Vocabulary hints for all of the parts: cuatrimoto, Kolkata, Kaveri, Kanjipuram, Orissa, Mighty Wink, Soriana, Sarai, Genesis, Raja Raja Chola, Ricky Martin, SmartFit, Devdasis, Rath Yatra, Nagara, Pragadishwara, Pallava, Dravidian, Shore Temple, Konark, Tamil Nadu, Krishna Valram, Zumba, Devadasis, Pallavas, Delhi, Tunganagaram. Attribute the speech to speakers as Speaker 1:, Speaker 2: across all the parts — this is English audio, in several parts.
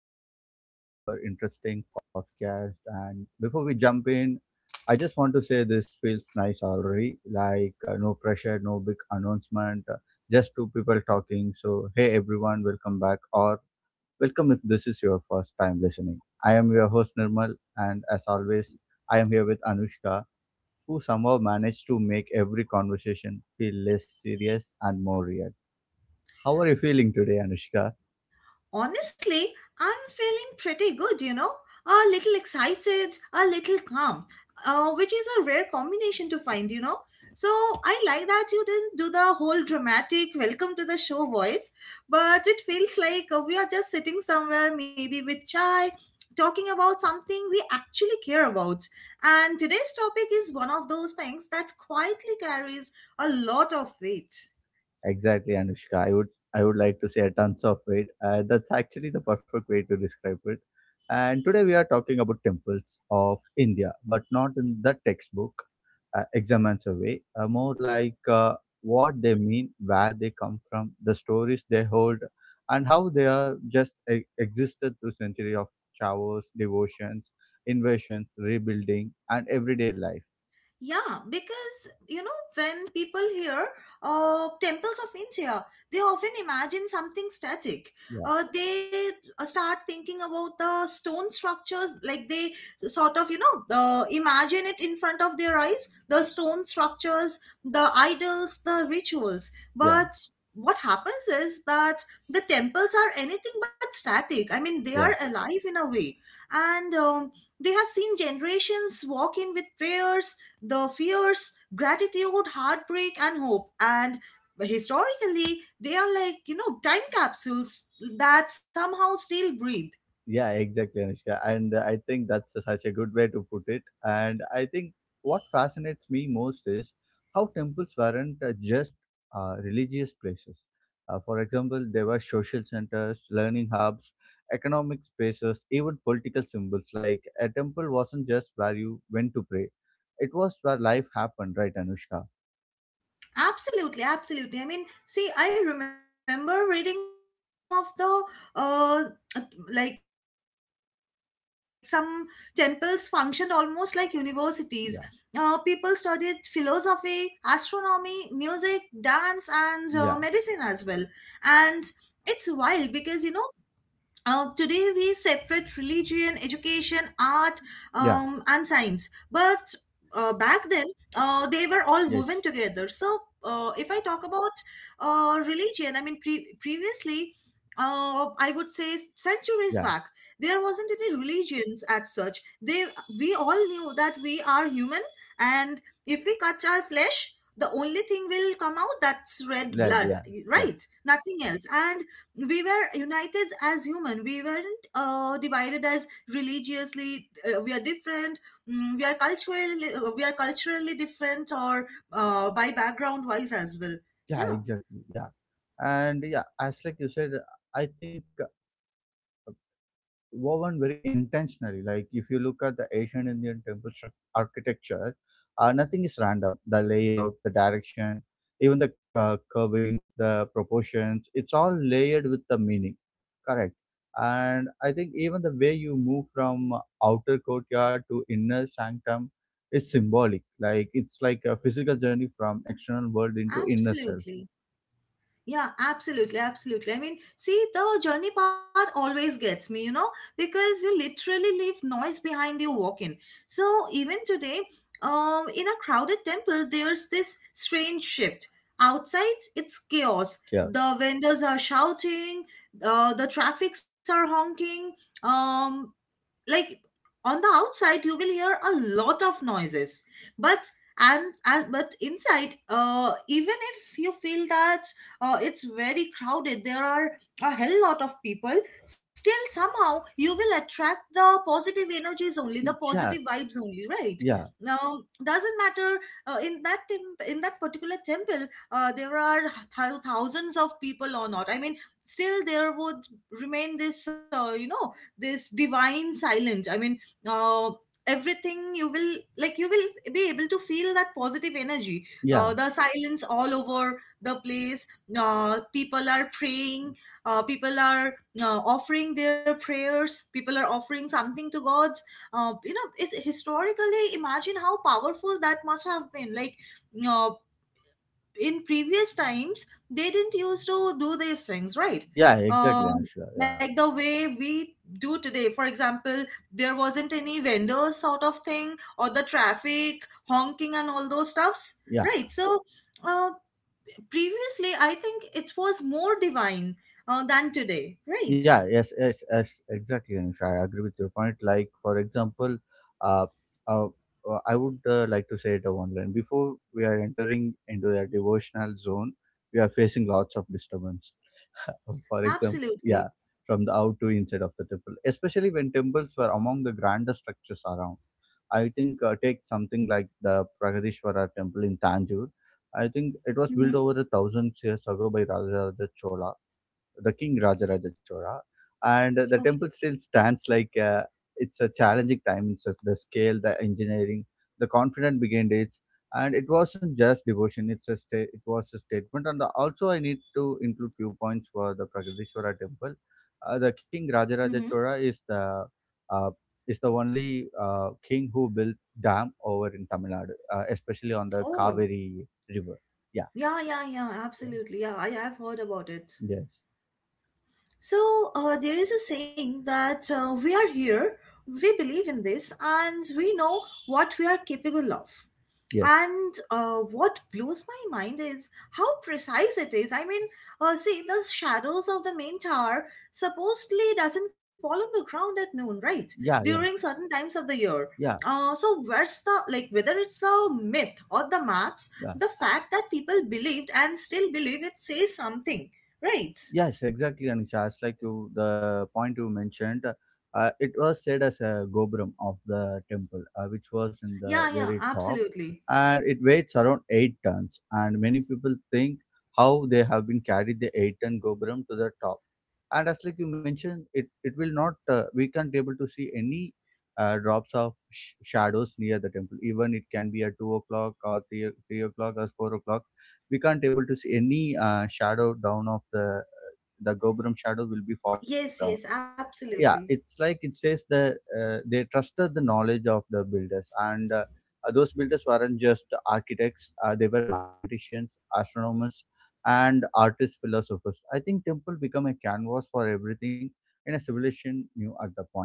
Speaker 1: everyone. Welcome to our interesting podcast. And before we jump in, I just want to say this feels nice already. Like, no pressure, no big announcement, just two people talking. So, hey, everyone, welcome back, or welcome if this is your first time listening. I am your host, Nirmal. And as always, I am here with Anushka, who somehow managed to make every conversation feel less serious and more real. How are you feeling today, Anushka?
Speaker 2: Honestly, I'm feeling pretty good, you know. A little excited, a little calm, which is a rare combination to find, you know. So I like that you didn't do the whole dramatic welcome to the show voice, but it feels like we are just sitting somewhere, maybe with chai, talking about something we actually care about. And today's topic is one of those things that quietly carries a lot of weight.
Speaker 1: Exactly, Anushka. I would like to say tons of weight. That's actually the perfect way to describe it. And today we are talking about temples of India, but not in the textbook exam answer way. More like what they mean, where they come from, the stories they hold, and how they are just existed through century of showers, devotions, invasions, rebuilding, and everyday life.
Speaker 2: Yeah, because you know, when people hear temples of India, they often imagine something static.
Speaker 1: Yeah,
Speaker 2: They start thinking about the stone structures, like they sort of, you know, imagine it in front of their eyes, the stone structures, the idols, the rituals.
Speaker 1: yeah,
Speaker 2: But what happens is that the temples are anything but static. I mean, they are
Speaker 1: yeah.
Speaker 2: alive in a way. And They have seen generations walk in with prayers, the fears, gratitude, heartbreak, and hope. And historically, they are like, you know, time capsules that somehow still breathe.
Speaker 1: Yeah, exactly, Anushka. And I think that's such a good way to put it. And I think what fascinates me most is how temples weren't just religious places. For example, they were social centers, learning hubs, economic spaces, even political symbols. Like a temple wasn't just where you went to pray, it was where life happened, right, Anushka?
Speaker 2: Absolutely, absolutely. I mean, see, I remember reading some of the, uh, some temples functioned almost like universities. People studied
Speaker 1: Yeah,
Speaker 2: philosophy, astronomy, music, dance, and medicine as well.
Speaker 1: yeah,
Speaker 2: And it's wild because, you know, today we separate religion, education, art, and science.
Speaker 1: yeah,
Speaker 2: But back then, they were all woven together.
Speaker 1: yes,
Speaker 2: So if I talk about religion, I mean, previously, I would say centuries
Speaker 1: yeah,
Speaker 2: back, there wasn't any religions as such. They We all knew that we are human, and if we cut our flesh, the only thing will come out, that's red blood,
Speaker 1: led, yeah.
Speaker 2: right? Nothing else. And we were united as human, we weren't, divided as religiously, we are different, mm, we are culturally, we are culturally different, or by background wise as well.
Speaker 1: Yeah,
Speaker 2: Yeah,
Speaker 1: exactly. Yeah. And yeah, as like you said, I think woven very intentionally. Like if you look at the Asian Indian temple architecture, nothing is random. The layout, the direction, even the curvings, the proportions, it's all layered with the meaning. Correct. And I think even the way you move from outer courtyard to inner sanctum is symbolic. Like it's like a physical journey from external world into inner self.
Speaker 2: absolutely. Yeah, absolutely, absolutely. I mean, see, the journey part always gets me, you know, because you literally leave noise behind you walking. So even today, in a crowded temple, there's this strange shift. Outside, it's chaos.
Speaker 1: Yes.
Speaker 2: The vendors are shouting, the traffics are honking, um, like on the outside you will hear a lot of noises, but and, and but inside, even if you feel that it's very crowded, there are a hell lot of people, still somehow you will attract the positive energies only, the positive
Speaker 1: Yeah,
Speaker 2: vibes only, right?
Speaker 1: yeah,
Speaker 2: Now doesn't matter, in that particular temple, there are thousands of people or not, I mean, still there would remain this, you know, this divine silence. I mean, uh, everything you will, like you will be able to feel that positive energy,
Speaker 1: yeah,
Speaker 2: the silence all over the place, people are praying, people are offering their prayers, people are offering something to gods. You know, it's historically, imagine how powerful that must have been. Like, uh, in previous times they didn't used to do these things, right?
Speaker 1: yeah, exactly,
Speaker 2: um,
Speaker 1: Anushka. Yeah,
Speaker 2: like the way we do today, for example, there wasn't any vendors sort of thing or the traffic honking and all those stuffs,
Speaker 1: yeah,
Speaker 2: right? So uh, previously I think it was more divine than today, right?
Speaker 1: yeah, yes, yes, yes, exactly, Anushka. I agree with your point. Like, for example, uh, uh, I would like to say it a one line. Before we are entering into a devotional zone, we are facing lots of disturbance. For example, yeah,
Speaker 2: Absolutely.
Speaker 1: from the out to inside of the temple, especially when temples were among the grandest structures around. I think take something like the Pragadishwara temple in Tanjore. I think it was built
Speaker 2: Mm-hmm.
Speaker 1: over 1,000 years ago by Raja Raja Chola the King Rajaraja Chora, and the
Speaker 2: Okay.
Speaker 1: temple still stands like it's a challenging time in the scale, the engineering, the confident behind it, and it wasn't just devotion; it's it was a statement. And also, I need to include few points for the Pragadishwara temple. The King Rajaraja
Speaker 2: Mm-hmm.
Speaker 1: Chora uh, is the only king who built dam over in Tamil Nadu, especially on the
Speaker 2: Oh,
Speaker 1: Kaveri river. Yeah.
Speaker 2: yeah, yeah, yeah,
Speaker 1: Yeah.
Speaker 2: absolutely, yeah, I have heard about it.
Speaker 1: Yes.
Speaker 2: So there is a saying that we are here, we believe in this, and we know what we are capable of.
Speaker 1: Yes.
Speaker 2: And what blows my mind is how precise it is. I mean, see, the shadows of the main tower supposedly doesn't fall on the ground at noon, right?
Speaker 1: Yeah.
Speaker 2: During
Speaker 1: Yeah.
Speaker 2: certain times of the year.
Speaker 1: Yeah.
Speaker 2: So where's the, like, whether it's the myth or the maths,
Speaker 1: Yeah.
Speaker 2: the fact that people believed and still believe it says something, right?
Speaker 1: Yes, exactly, Anisha. As like you, the point you mentioned, it was said as a gopuram of the temple, which was in the
Speaker 2: Yeah, yeah,
Speaker 1: very top,
Speaker 2: absolutely.
Speaker 1: and it weighs around 8 tons. And many people think how they have been carried the 8 ton gopuram to the top. And as like you mentioned, it will not. We can't able to see any drops of shadows near the temple. Even it can be at 2 o'clock or 3 o'clock or 4 o'clock. We can't able to see any shadow down of the Gopuram shadow will be fallen on the
Speaker 2: Yes,
Speaker 1: ground.
Speaker 2: yes, absolutely.
Speaker 1: Yeah, it's like it says that they trusted the knowledge of the builders, and those builders weren't just architects; they were mathematicians, astronomers, and artists, philosophers. I think temple become a canvas for everything in a civilization new at the point.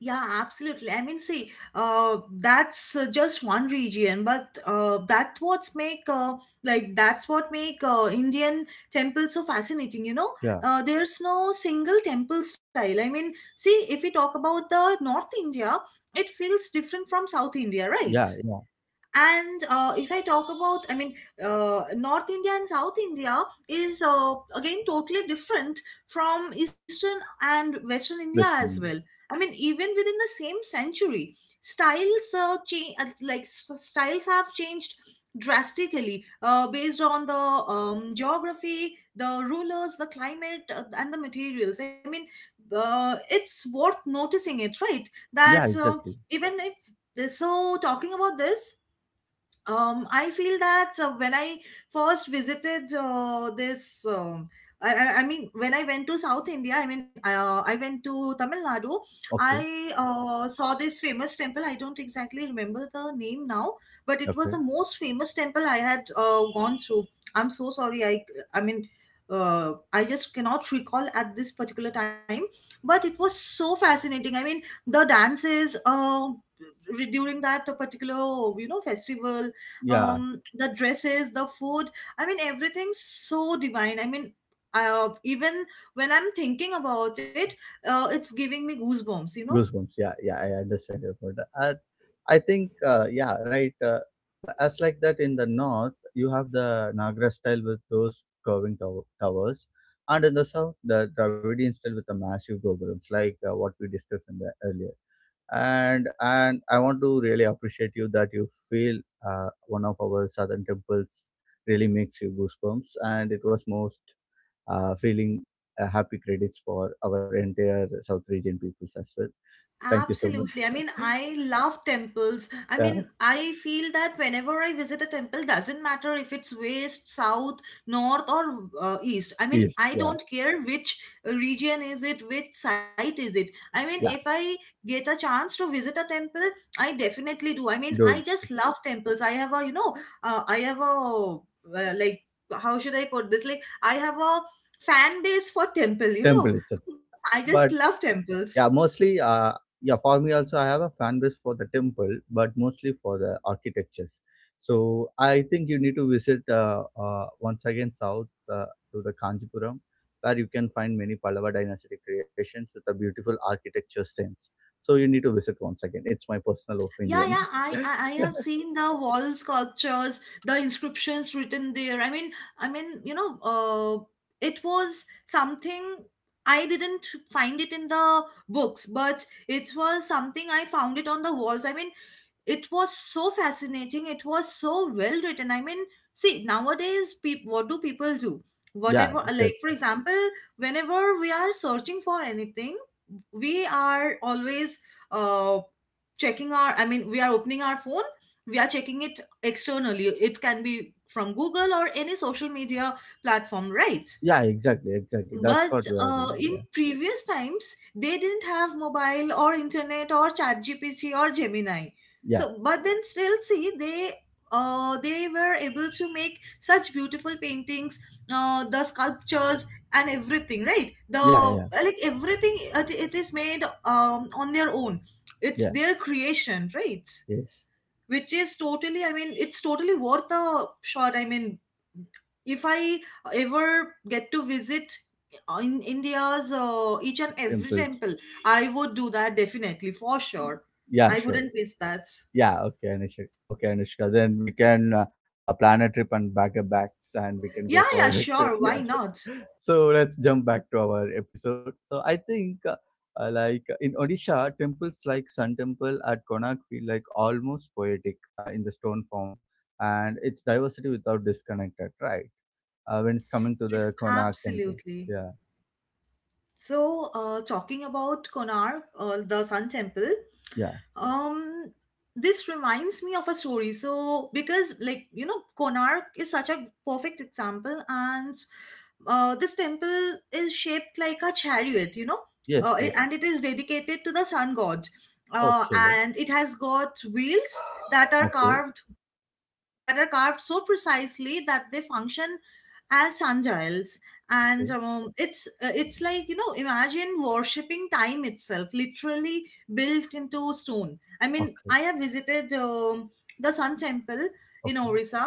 Speaker 2: Yeah, absolutely. I mean, see, that's just one region, but that's what make Indian temples so fascinating. You know,
Speaker 1: Yeah,
Speaker 2: there's no single temple style. I mean, see, if we talk about the North India, it feels different from South India, right?
Speaker 1: yeah, yeah.
Speaker 2: And if I talk about I mean North India and South India is again totally different from eastern and western India as
Speaker 1: Western
Speaker 2: well.
Speaker 1: India.
Speaker 2: I mean, even within the same century, styles styles have changed drastically, based on the, geography, the rulers, the climate, and the materials. I mean, it's worth noticing it, right? that
Speaker 1: Yeah, exactly.
Speaker 2: even if so Talking about this, I feel that when I first visited, this, I mean, when I went to South India, I mean, I went to Tamil Nadu.
Speaker 1: Okay,
Speaker 2: I saw this famous temple. I don't exactly remember the name now, but it was
Speaker 1: okay.
Speaker 2: the most famous temple I had gone through. I'm so sorry. I mean, I just cannot recall at this particular time, but it was so fascinating. I mean, the dances. During that particular, you know, festival,
Speaker 1: Yeah,
Speaker 2: the dresses, the food, I mean, everything's so divine. I mean, even when I'm thinking about it, it's giving me goosebumps, you know.
Speaker 1: goosebumps, yeah, yeah, I understand your point. i, I think yeah, right, as like that in the north you have the Nagara style with those towers and in the south the Dravidian style with the massive gobrams like what we discussed in the earlier and I want to really appreciate you that you feel one of our southern temples really makes you goosebumps and it was most feeling happy credits for our entire south region peoples as well. Thank you so much.
Speaker 2: Absolutely. I mean, I love temples. I
Speaker 1: Yeah,
Speaker 2: mean, I feel that whenever I visit a temple, doesn't matter if it's west, south, north, or east. I mean,
Speaker 1: yes,
Speaker 2: I
Speaker 1: yeah,
Speaker 2: don't care which region is it, which site is it. I mean, if
Speaker 1: yeah,
Speaker 2: I get a chance to visit a temple, I definitely do. I mean, I
Speaker 1: good.
Speaker 2: just love temples. I have a, you know, uh, I have a, like, how should I put this? Like, I have a fan base for temple, you know.
Speaker 1: Temple itself.
Speaker 2: I just
Speaker 1: But
Speaker 2: love temples.
Speaker 1: yeah, mostly, yeah, for me also, I have a fan base for the temple, but mostly for the architectures. So I think you need to visit once again south to the Kanjipuram, where you can find many Pallava dynasty creations with a beautiful architecture sense. So you need to visit once again. It's my personal
Speaker 2: Yeah,
Speaker 1: opinion.
Speaker 2: yeah, I have seen the wall sculptures, the inscriptions written there. I mean, you know, it was something I didn't find it in the books, but it was something I found it on the walls. I mean, it was so fascinating. It was so well written. I mean, see, nowadays, peop what do people do?
Speaker 1: Yeah,
Speaker 2: Whatever, like for
Speaker 1: exactly.
Speaker 2: example, whenever we are searching for anything, we are always uh, checking our I mean we are opening our phone, we are checking it externally, it can be from Google or any social media platform, right?
Speaker 1: Yeah, exactly, exactly. That's
Speaker 2: But
Speaker 1: what we are doing.
Speaker 2: in
Speaker 1: Yeah.
Speaker 2: previous times they didn't have mobile or internet or chat gpt or Gemini.
Speaker 1: Yeah.
Speaker 2: So but then still see, they were able to make such beautiful paintings, the sculptures, and everything, right? the
Speaker 1: Yeah, yeah,
Speaker 2: like Everything, it is made, on their own,
Speaker 1: yeah.
Speaker 2: it's their creation, right?
Speaker 1: Yes.
Speaker 2: Which is totally, I mean, it's totally worth the shot. I mean, if I ever get to visit, in India's each and every
Speaker 1: Temples.
Speaker 2: temple, I would do that definitely for sure.
Speaker 1: Yeah,
Speaker 2: I
Speaker 1: sure.
Speaker 2: wouldn't miss that.
Speaker 1: Yeah, okay, Anushka. Okay, Anushka. Then we can plan a trip and back our backs and we can go
Speaker 2: Yeah,
Speaker 1: for
Speaker 2: yeah,
Speaker 1: a like, trip.
Speaker 2: sure,
Speaker 1: Yeah,
Speaker 2: why not.
Speaker 1: sure. So let's jump back to our episode. So I think like in Odisha, temples like Sun Temple at Konark feel like almost poetic in the stone form and its diversity without disconnected, right? When it's coming to
Speaker 2: Yes,
Speaker 1: the Konark temple.
Speaker 2: absolutely.
Speaker 1: Yeah,
Speaker 2: So talking about Konark, the Sun Temple,
Speaker 1: yeah.
Speaker 2: um this reminds me of a story. So, because like you know, Konark is such a perfect example. And uh, this temple is shaped like a chariot, you know,
Speaker 1: Yes, yes.
Speaker 2: and it is dedicated to the sun god.
Speaker 1: Okay.
Speaker 2: And it has got wheels that are
Speaker 1: Okay.
Speaker 2: carved, so precisely that they function as sundials. And
Speaker 1: Okay,
Speaker 2: it's It's like, you know, imagine worshipping time itself, literally built into stone. I mean,
Speaker 1: okay,
Speaker 2: I have visited, the Sun Temple in
Speaker 1: okay,
Speaker 2: Orissa,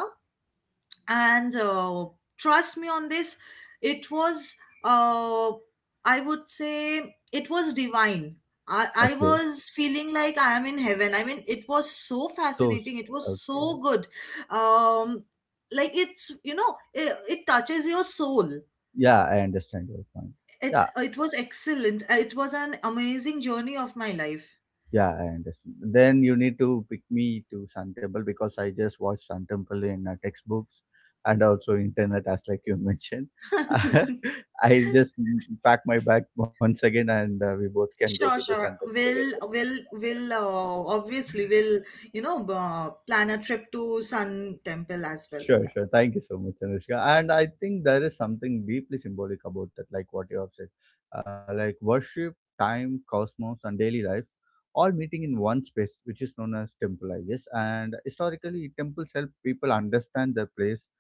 Speaker 2: and trust me on this, it was, uh, I would say it was divine. I
Speaker 1: okay.
Speaker 2: was feeling like I am in heaven. I mean, it was so
Speaker 1: So, s-
Speaker 2: fascinating, it was
Speaker 1: okay.
Speaker 2: so good. um it's, you know, it touches your soul.
Speaker 1: Yeah, I understand your point.
Speaker 2: It's,
Speaker 1: Yeah,
Speaker 2: it was excellent, it was an amazing journey of my life.
Speaker 1: yeah, I understand. Then you need to pick me to Sun Temple because I just watched Sun Temple in textbooks and also internet, as like you mentioned. I just mm, pack my bag once again and we both can go to
Speaker 2: Sure,
Speaker 1: the Sun
Speaker 2: sure.
Speaker 1: Temple together.
Speaker 2: We'll you know, plan a trip to Sun Temple as well.
Speaker 1: Sure, sure. Thank you so much, Anushka. And I think there is something deeply symbolic about that, like what you have said. Like worship, time, cosmos, and daily life all meeting in one space, which is known as temple, I guess. And historically, temples help people understand their place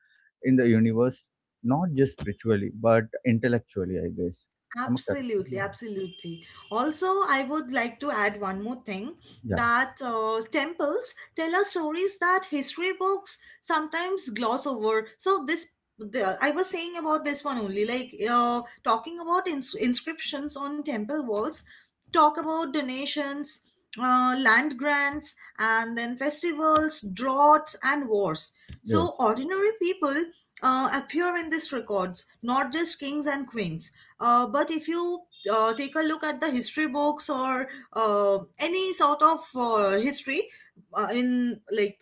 Speaker 1: in the universe, not just spiritually, but intellectually, I guess. Am I correct?
Speaker 2: Absolutely,
Speaker 1: Yeah.
Speaker 2: absolutely. Also, I would like to add one more thing, that temples tell us stories that history books sometimes gloss over. So this, the, I was saying about this one only, like talking about inscriptions on temple walls, talk about donations, land grants, and then festivals, droughts, and wars.
Speaker 1: Yeah. Yes.
Speaker 2: So ordinary people appear in these records, not just kings and queens. But if you take a look at the history books, or any sort of history, in like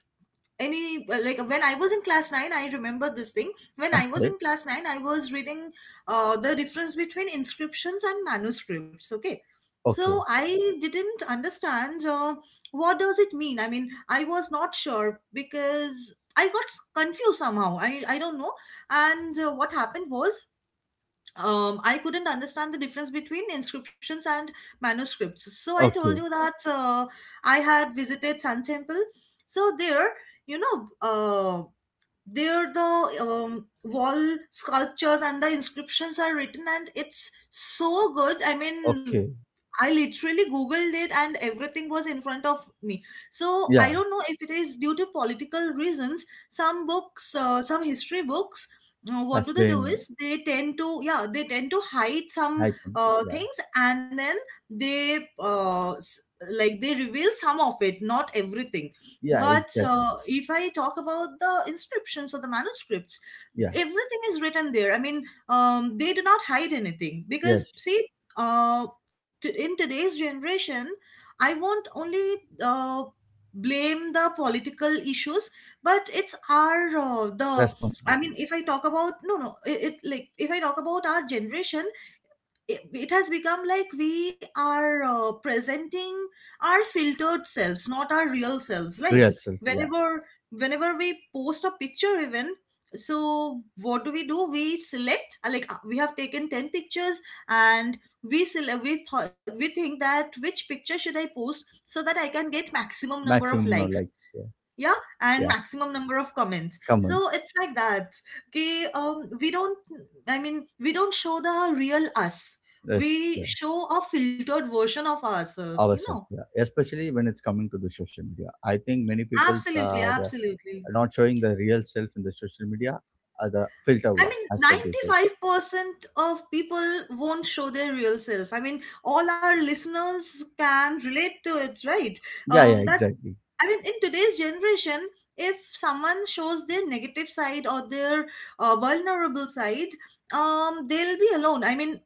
Speaker 2: any like, when I was in class 9, I remember this thing. When I was
Speaker 1: Okay.
Speaker 2: in class 9, I was reading the difference between inscriptions and manuscripts. Okay. So
Speaker 1: Okay.
Speaker 2: I didn't understand, what does it mean. I mean, I was not sure because I got confused somehow. I don't know. And what happened was, I couldn't understand the difference between inscriptions and manuscripts. So I told you
Speaker 1: Okay.
Speaker 2: that I had visited Sun Temple. So there, you know, uh, there the wall sculptures and the inscriptions are written, and it's so good. I mean,
Speaker 1: Okay.
Speaker 2: I literally googled it and everything was in front of me. So I
Speaker 1: Yeah.
Speaker 2: don't know if it is due to political reasons. Some books, some history books, what
Speaker 1: Has
Speaker 2: do they do
Speaker 1: been
Speaker 2: is they tend to, yeah, they tend to hide some
Speaker 1: high something. Yeah.
Speaker 2: things, and then they like they reveal some of it, not everything.
Speaker 1: Yeah,
Speaker 2: But
Speaker 1: exactly.
Speaker 2: if I talk about the inscriptions or the manuscripts,
Speaker 1: Yeah.
Speaker 2: everything is written there. I mean, they do not hide anything because,
Speaker 1: Yes,
Speaker 2: see, uh, to, in today's generation, I won't only uh, blame the political issues, but it's our the. I mean,
Speaker 1: responsibility,
Speaker 2: if I talk about, no, no, it like, if I talk about our generation, it has become like we are presenting our filtered selves, not our real selves. Like,
Speaker 1: real self. Yeah,
Speaker 2: whenever whenever we post a picture, even, so what do we do? We select, we have taken 10 pictures, and we select, we think that which picture should I post so that I can get maximum number of
Speaker 1: maximum no
Speaker 2: likes,
Speaker 1: likes. Yeah,
Speaker 2: yeah, and
Speaker 1: yeah,
Speaker 2: maximum number of comments. So
Speaker 1: comments,
Speaker 2: it's like that. Okay, we don't, I mean, we don't show the real us.
Speaker 1: yes,
Speaker 2: We
Speaker 1: yeah,
Speaker 2: show a filtered version of ourselves, you know.
Speaker 1: ourselves. Yeah, especially when it's coming to the social media. I think many people
Speaker 2: Absolutely,
Speaker 1: are
Speaker 2: absolutely.
Speaker 1: not showing the real self in the social media. The filter
Speaker 2: I
Speaker 1: one,
Speaker 2: mean,
Speaker 1: as like you said.
Speaker 2: 95% of people won't show their real self. I mean, all our listeners can relate to it, right?
Speaker 1: Yeah, yeah,
Speaker 2: That,
Speaker 1: exactly.
Speaker 2: I mean, in today's generation, if someone shows their negative side or their vulnerable side, they'll be alone. I mean,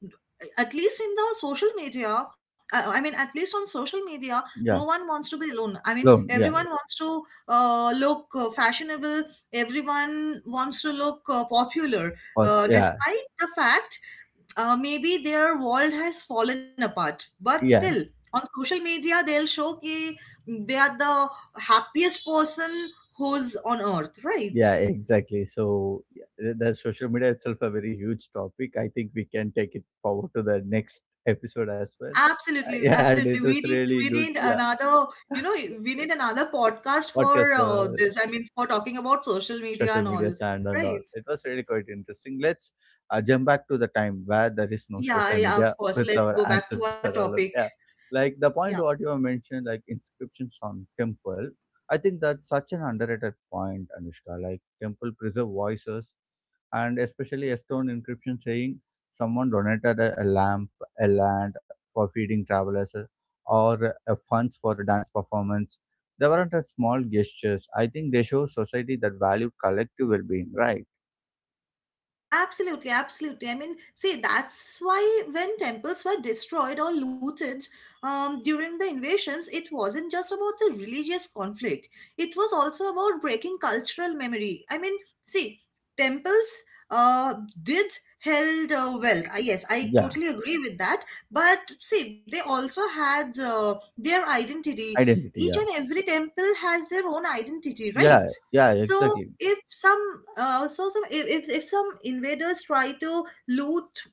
Speaker 2: at least in the social media, I mean, at least on social media, no
Speaker 1: Yeah,
Speaker 2: one wants to be alone. I mean,
Speaker 1: alone.
Speaker 2: everyone
Speaker 1: Yeah,
Speaker 2: wants to look fashionable. Everyone wants to look popular,
Speaker 1: or yeah,
Speaker 2: despite the fact, maybe their world has fallen apart, but still
Speaker 1: yeah.
Speaker 2: on social media they'll show that they are the happiest person who's on earth, right?
Speaker 1: Yeah, exactly. So yeah, the social media itself a very huge topic. I think we can take it forward to the next episode as well.
Speaker 2: Absolutely,
Speaker 1: Yeah, and it
Speaker 2: absolutely,
Speaker 1: was
Speaker 2: we need,
Speaker 1: really
Speaker 2: we
Speaker 1: good.
Speaker 2: need
Speaker 1: Yeah,
Speaker 2: another, you know, we need another podcast
Speaker 1: podcast
Speaker 2: for
Speaker 1: for the
Speaker 2: this. I mean, for talking about social media
Speaker 1: social
Speaker 2: and all.
Speaker 1: media stand and all.
Speaker 2: Right.
Speaker 1: It was really quite interesting. Let's jump back to the time where there is no
Speaker 2: Yeah,
Speaker 1: social
Speaker 2: yeah, of
Speaker 1: media
Speaker 2: course,
Speaker 1: with
Speaker 2: let's
Speaker 1: our
Speaker 2: go back to our
Speaker 1: ancestor alone.
Speaker 2: topic.
Speaker 1: Yeah, like the
Speaker 2: Yeah.
Speaker 1: point what you have mentioned, like inscriptions on temple. I think that's such an underrated point, Anushka. Like temple preserve voices, and especially a stone encryption saying someone donated a lamp, a land for feeding travelers, or funds for dance performance they weren't as small gestures. I think they show society that valued collective well being, right?
Speaker 2: Absolutely, absolutely. I mean, see, that's why when temples were destroyed or looted during the invasions, it wasn't just about the religious conflict, it was also about breaking cultural memory. I mean, see, temples uh, did held wealth. I, yes, I
Speaker 1: Yeah,
Speaker 2: totally agree with that. But see, they also had their identity.
Speaker 1: identity,
Speaker 2: Each and
Speaker 1: yeah.
Speaker 2: every temple has their own identity,
Speaker 1: Yeah,
Speaker 2: right?
Speaker 1: yeah,
Speaker 2: So
Speaker 1: exactly.
Speaker 2: if some, if some invaders try to loot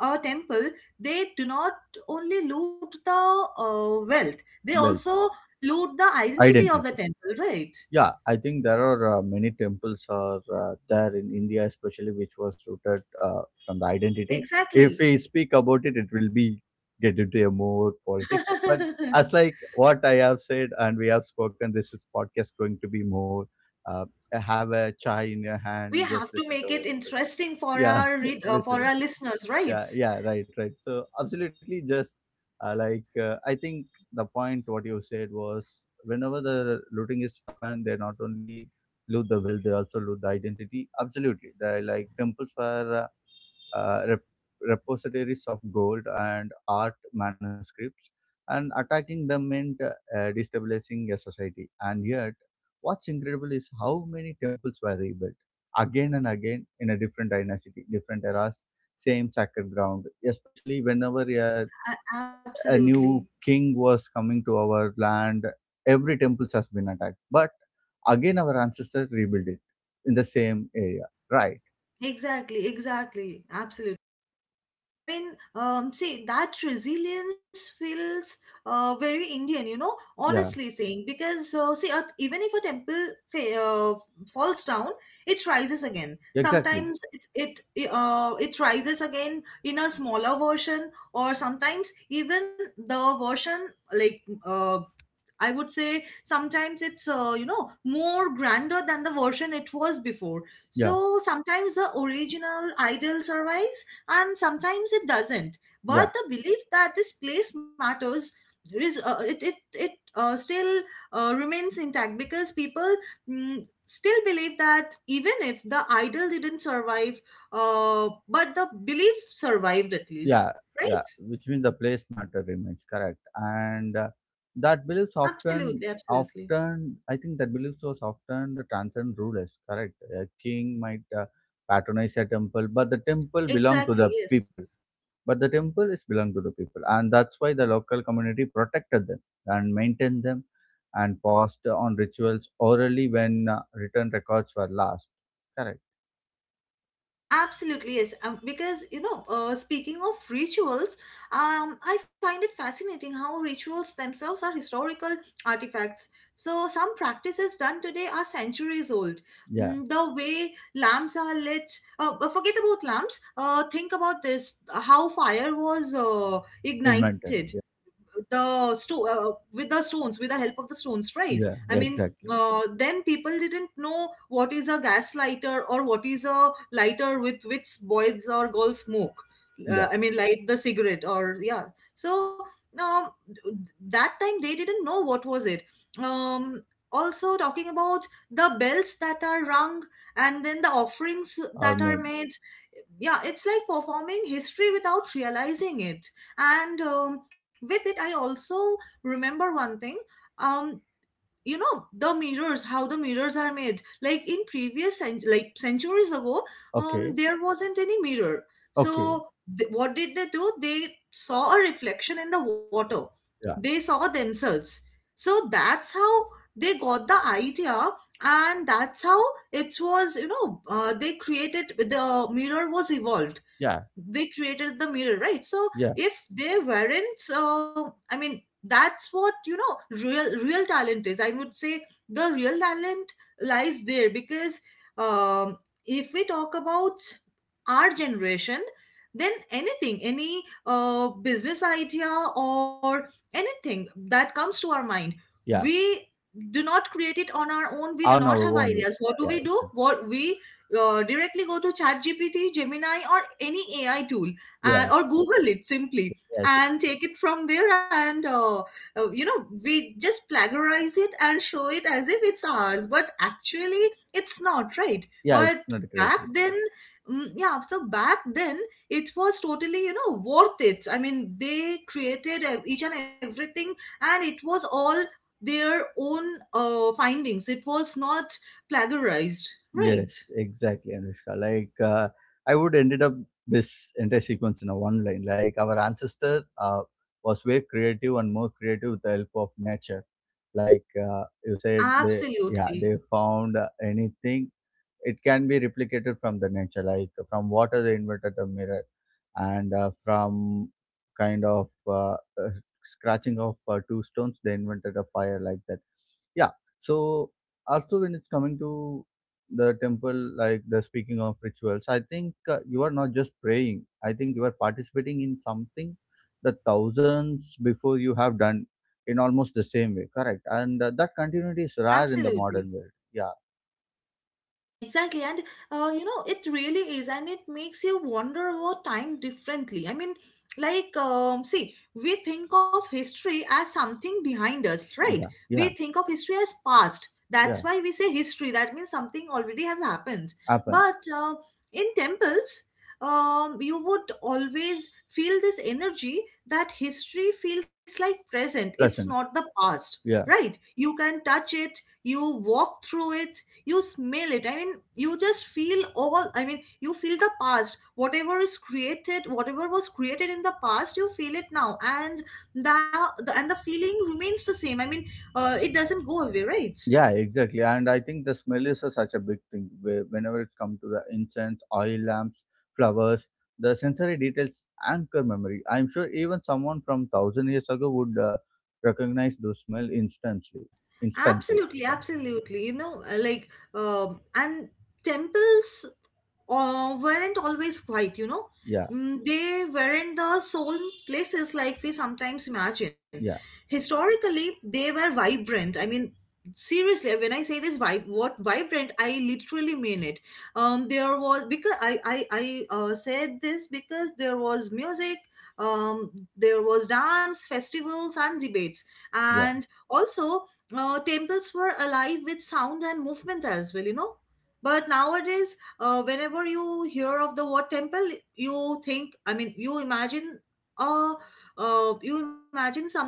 Speaker 2: a temple, they do not only loot the wealth, they
Speaker 1: Well,
Speaker 2: also loot the identity of
Speaker 1: identity.
Speaker 2: the temple, right?
Speaker 1: Yeah, I think there are many temples are there in India, especially which was rooted from the identity. If
Speaker 2: Exactly.
Speaker 1: we speak about it, it will be get into a more politics. But as like what I have said and we have spoken, this is podcast going to be more uh, have a chai in your hand,
Speaker 2: We
Speaker 1: just
Speaker 2: have to
Speaker 1: listen
Speaker 2: make
Speaker 1: to
Speaker 2: it
Speaker 1: it. So
Speaker 2: interesting for
Speaker 1: yeah,
Speaker 2: our read for
Speaker 1: listen,
Speaker 2: our listeners,
Speaker 1: yeah,
Speaker 2: right?
Speaker 1: yeah, right, right, so absolutely just like I think the point what you said was whenever the looting is happened they not only loot the will they also loot the identity absolutely they like temples were uh, uh, rep- repositories of gold and art manuscripts and attacking them meant destabilizing a society and yet what's incredible is how many temples were rebuilt again and again in a different dynasty different eras same sacred ground especially whenever
Speaker 2: A-
Speaker 1: a
Speaker 2: absolutely.
Speaker 1: new king was coming to our land every temple has been attacked but again our ancestors rebuilt it in the same area right
Speaker 2: Exactly, exactly, absolutely. I mean, see, that resilience feels very Indian, you know,
Speaker 1: yeah
Speaker 2: honestly saying, because see, at, even if a temple fa- uh, falls down, it rises again.
Speaker 1: exactly
Speaker 2: Sometimes it rises again in a smaller version, or sometimes even the version, like uh, I would say sometimes it's you know, more grander than the version it was before.
Speaker 1: yeah
Speaker 2: So sometimes the original idol survives, and sometimes it doesn't. But
Speaker 1: yeah
Speaker 2: the belief that this place matters is, it it it still remains intact, because people, still believe that even if the idol didn't survive, but the belief survived at least,
Speaker 1: yeah yeah
Speaker 2: right?
Speaker 1: which means the place matter remains correct and that beliefs often
Speaker 2: Absolutely, absolutely,
Speaker 1: often I think that beliefs was often the transcend rulers correct a king might patronize a temple but the temple belong to the
Speaker 2: exactly, yes.
Speaker 1: people but the temple is belong to the people and that's why the local community protected them and maintained them and passed on rituals orally when written records were last correct
Speaker 2: Absolutely, yes. Because, you know, speaking of rituals, I find it fascinating how rituals themselves are historical artifacts. So, some practices done today are centuries old.
Speaker 1: yeah
Speaker 2: The way lamps are lit, forget about lamps, think about this, how fire was ignited,
Speaker 1: invented yeah
Speaker 2: with the stones, with the help of the stones, right?
Speaker 1: yeah,
Speaker 2: I
Speaker 1: yeah
Speaker 2: mean,
Speaker 1: exactly
Speaker 2: then people didn't know what is a gas lighter, or what is a lighter with which boys or girls smoke,
Speaker 1: yeah
Speaker 2: I mean, light the cigarette, or yeah. So, um, that time they didn't know what was it. um, Also talking about the bells that are rung, and then the offerings
Speaker 1: or
Speaker 2: that are
Speaker 1: made
Speaker 2: made, yeah, it's like performing history without realizing it. And with it I also remember one thing. um you know, the mirrors, how the mirrors are made, like in previous like centuries ago,
Speaker 1: okay,
Speaker 2: there wasn't any mirror.
Speaker 1: okay.
Speaker 2: So, what did they do? They saw a reflection in the water,
Speaker 1: Yeah,
Speaker 2: they saw themselves. So that's how they got the idea, and that's how it was, you know. They created the mirror was evolved,
Speaker 1: yeah,
Speaker 2: they created the mirror, right? So
Speaker 1: yeah,
Speaker 2: if they weren't, so, I mean, that's what, you know, real, real talent is, I would say. The real talent lies there, because um, if we talk about our generation, then anything, any business idea, or anything that comes to our mind,
Speaker 1: yeah.
Speaker 2: we do not create it on our own. We do
Speaker 1: On
Speaker 2: not
Speaker 1: our
Speaker 2: have
Speaker 1: own way.
Speaker 2: ideas. What do
Speaker 1: Yeah,
Speaker 2: we do? What we, directly go to ChatGPT, Gemini, or any AI tool,
Speaker 1: yeah.
Speaker 2: or Google it simply,
Speaker 1: Yes, yes.
Speaker 2: and take it from there. And you know, we just plagiarize it and show it as if it's ours, but actually, it's not, right?
Speaker 1: Yeah,
Speaker 2: But
Speaker 1: it's not
Speaker 2: back
Speaker 1: creativity.
Speaker 2: then, yeah, so back then it was totally, you know, worth it. I mean, they created, each and everything, and it was all their own findings. It was not plagiarized, right?
Speaker 1: Yes, exactly, Anushka. Like, I would ended up this entire sequence in a one line. Like, our ancestor was way creative and more creative with the help of nature. Like you said, they yeah
Speaker 2: Absolutely.
Speaker 1: they found anything it can be replicated from the nature like from water they invented a mirror and from kind of uh, scratching of two stones they invented a fire like that. Yeah, so also when it's coming to the temple, like the speaking of rituals, I think you are not just praying, I think you are participating in something the thousands before you have done in almost the same way, correct. And that continuity is rare in the
Speaker 2: Absolutely.
Speaker 1: modern world. Yeah,
Speaker 2: Exactly, and you know, it really is, and it makes you wonder about time differently. I mean, like, see, we think of history as something behind us, right?
Speaker 1: yeah,
Speaker 2: We
Speaker 1: yeah,
Speaker 2: think of history as past. That's
Speaker 1: yeah.
Speaker 2: why we say history. That means something already has happened.
Speaker 1: Happen.
Speaker 2: But in temples, you would always feel this energy, that history feels like present. It's
Speaker 1: Present.
Speaker 2: not the past,
Speaker 1: Yeah,
Speaker 2: right? You can touch it. You walk through it, you smell it. I mean, you just feel all, I mean, you feel the past, whatever is created, whatever was created in the past, you feel it now. And the, the and the feeling remains the same. I mean, it doesn't go away, right?
Speaker 1: yeah, exactly. And I think the smell is such a big thing where, whenever it's come to the incense, oil lamps, flowers, the sensory details anchor memory. I'm sure even someone from thousand years ago would recognize the smell instantly.
Speaker 2: Absolutely,
Speaker 1: Yeah,
Speaker 2: absolutely, you know, like and temples weren't always quiet, you know.
Speaker 1: yeah,
Speaker 2: They weren't the solemn places like we sometimes imagine. Historically, they were vibrant. I mean, seriously, when I say this vibe, what, vibrant, I literally mean it. There was, because I said this because there was music. Um, there was dance, festivals, and debates,
Speaker 1: yeah,
Speaker 2: and also temples were alive with sound and movement as well. You know, but nowadays, whenever you hear of the word temple, you think, I mean, you imagine, uh, you imagine something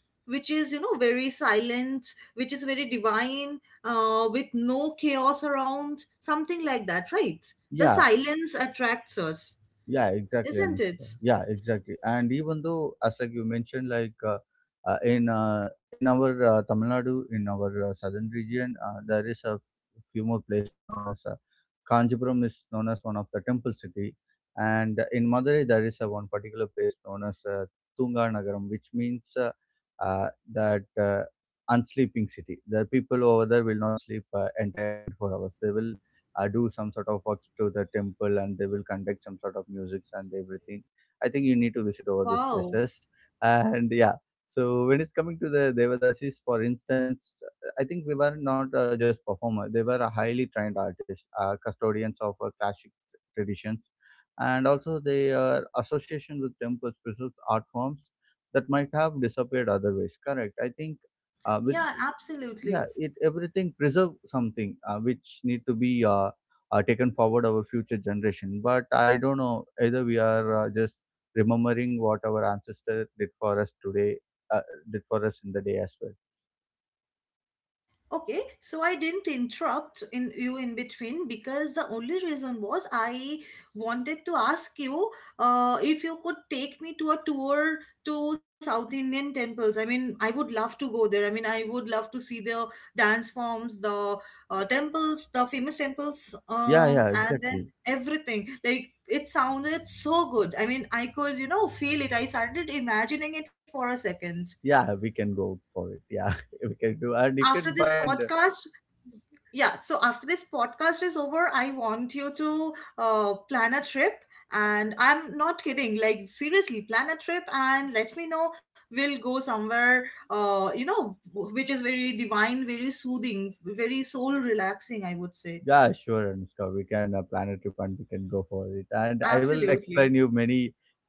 Speaker 2: which is, you know, very silent, which is very divine, with no chaos around, something like that, right? The
Speaker 1: yeah.
Speaker 2: silence attracts us,
Speaker 1: Yeah, exactly,
Speaker 2: isn't it?
Speaker 1: Anushka. Yeah, exactly. And even though, as like you mentioned, like uh, in uh, in our Tamil Nadu, in our southern region, there is a few more places known as Kanjipuram is known as one of the temple city, and in Madurai there is a one particular place known as Tunga Nagaram, which means that unsleeping city. The people over there will not sleep entire 24 hours. They will do some sort of works to the temple, and they will conduct some sort of musics and everything. I think you need to visit over these
Speaker 2: Wow,
Speaker 1: places. And yeah, so when it's coming to the devadasis, for instance, I think we were not just performer. They were a highly trained artists, custodians of classic traditions, and also they are association with temples preserves art forms that might have disappeared otherwise, correct. I think with
Speaker 2: yeah,
Speaker 1: yeah,
Speaker 2: absolutely.
Speaker 1: it everything preserve something which need to be taken forward our future generation. But I don't know, either we are just remembering what our ancestor did for us today, uh, did for us in the day as well.
Speaker 2: Okay, so I didn't interrupt in you in between, because the only reason was I wanted to ask you if you could take me to a tour to South Indian temples. I mean, I would love to go there. I mean, I would love to see the dance forms, the temples, the famous temples,
Speaker 1: Yeah, yeah,
Speaker 2: and then
Speaker 1: exactly.
Speaker 2: everything. Like, it sounded so good. I mean, I could, you know, feel it. I started imagining it for a second.
Speaker 1: Yeah, we can go for it, yeah. We can do, and you
Speaker 2: After
Speaker 1: can
Speaker 2: this
Speaker 1: find.
Speaker 2: podcast, yeah, so after this podcast is over, I want you to plan a trip, and I'm not kidding, like, seriously plan a trip and let me know. We'll go somewhere you know, which is very divine, very soothing, very soul relaxing, I would say.
Speaker 1: Yeah, sure, Anushka, we can plan a trip and we can go for it, and I will
Speaker 2: Absolutely.
Speaker 1: explain you many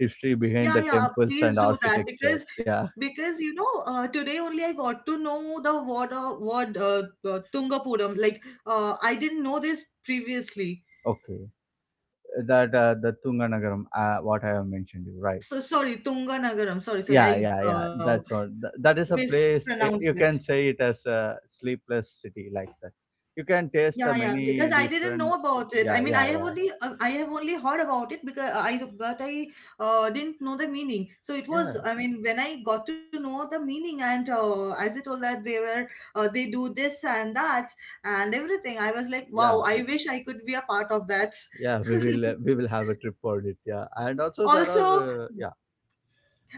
Speaker 1: history behind
Speaker 2: Yeah,
Speaker 1: the
Speaker 2: yeah,
Speaker 1: temples and
Speaker 2: please do that,
Speaker 1: architecture.
Speaker 2: because
Speaker 1: Yeah.
Speaker 2: because you know, today only I got to know the word, tungapuram, like, I didn't know this previously.
Speaker 1: Okay. That the Tunganagaram, what I have mentioned you, right?
Speaker 2: So sorry, Tunganagar. Sorry, sorry,
Speaker 1: Yeah, yeah,
Speaker 2: I
Speaker 1: yeah. That's all. That is a place.
Speaker 2: mispronounced
Speaker 1: You
Speaker 2: it.
Speaker 1: can say it as a sleepless city, like that. You can taste
Speaker 2: Yeah, yeah, because
Speaker 1: many
Speaker 2: I didn't
Speaker 1: different.
Speaker 2: know about it. I
Speaker 1: Yeah,
Speaker 2: mean,
Speaker 1: yeah, yeah,
Speaker 2: I have only heard about it, because I, but I didn't know the meaning. So it was,
Speaker 1: yeah,
Speaker 2: I mean, when I got to know the meaning, and as I told, that they were they do this and that, and everything, I was like, wow,
Speaker 1: yeah,
Speaker 2: I wish I could be a part of that.
Speaker 1: yeah. We will have a trip for it. Yeah, and also there
Speaker 2: Also,
Speaker 1: are yeah,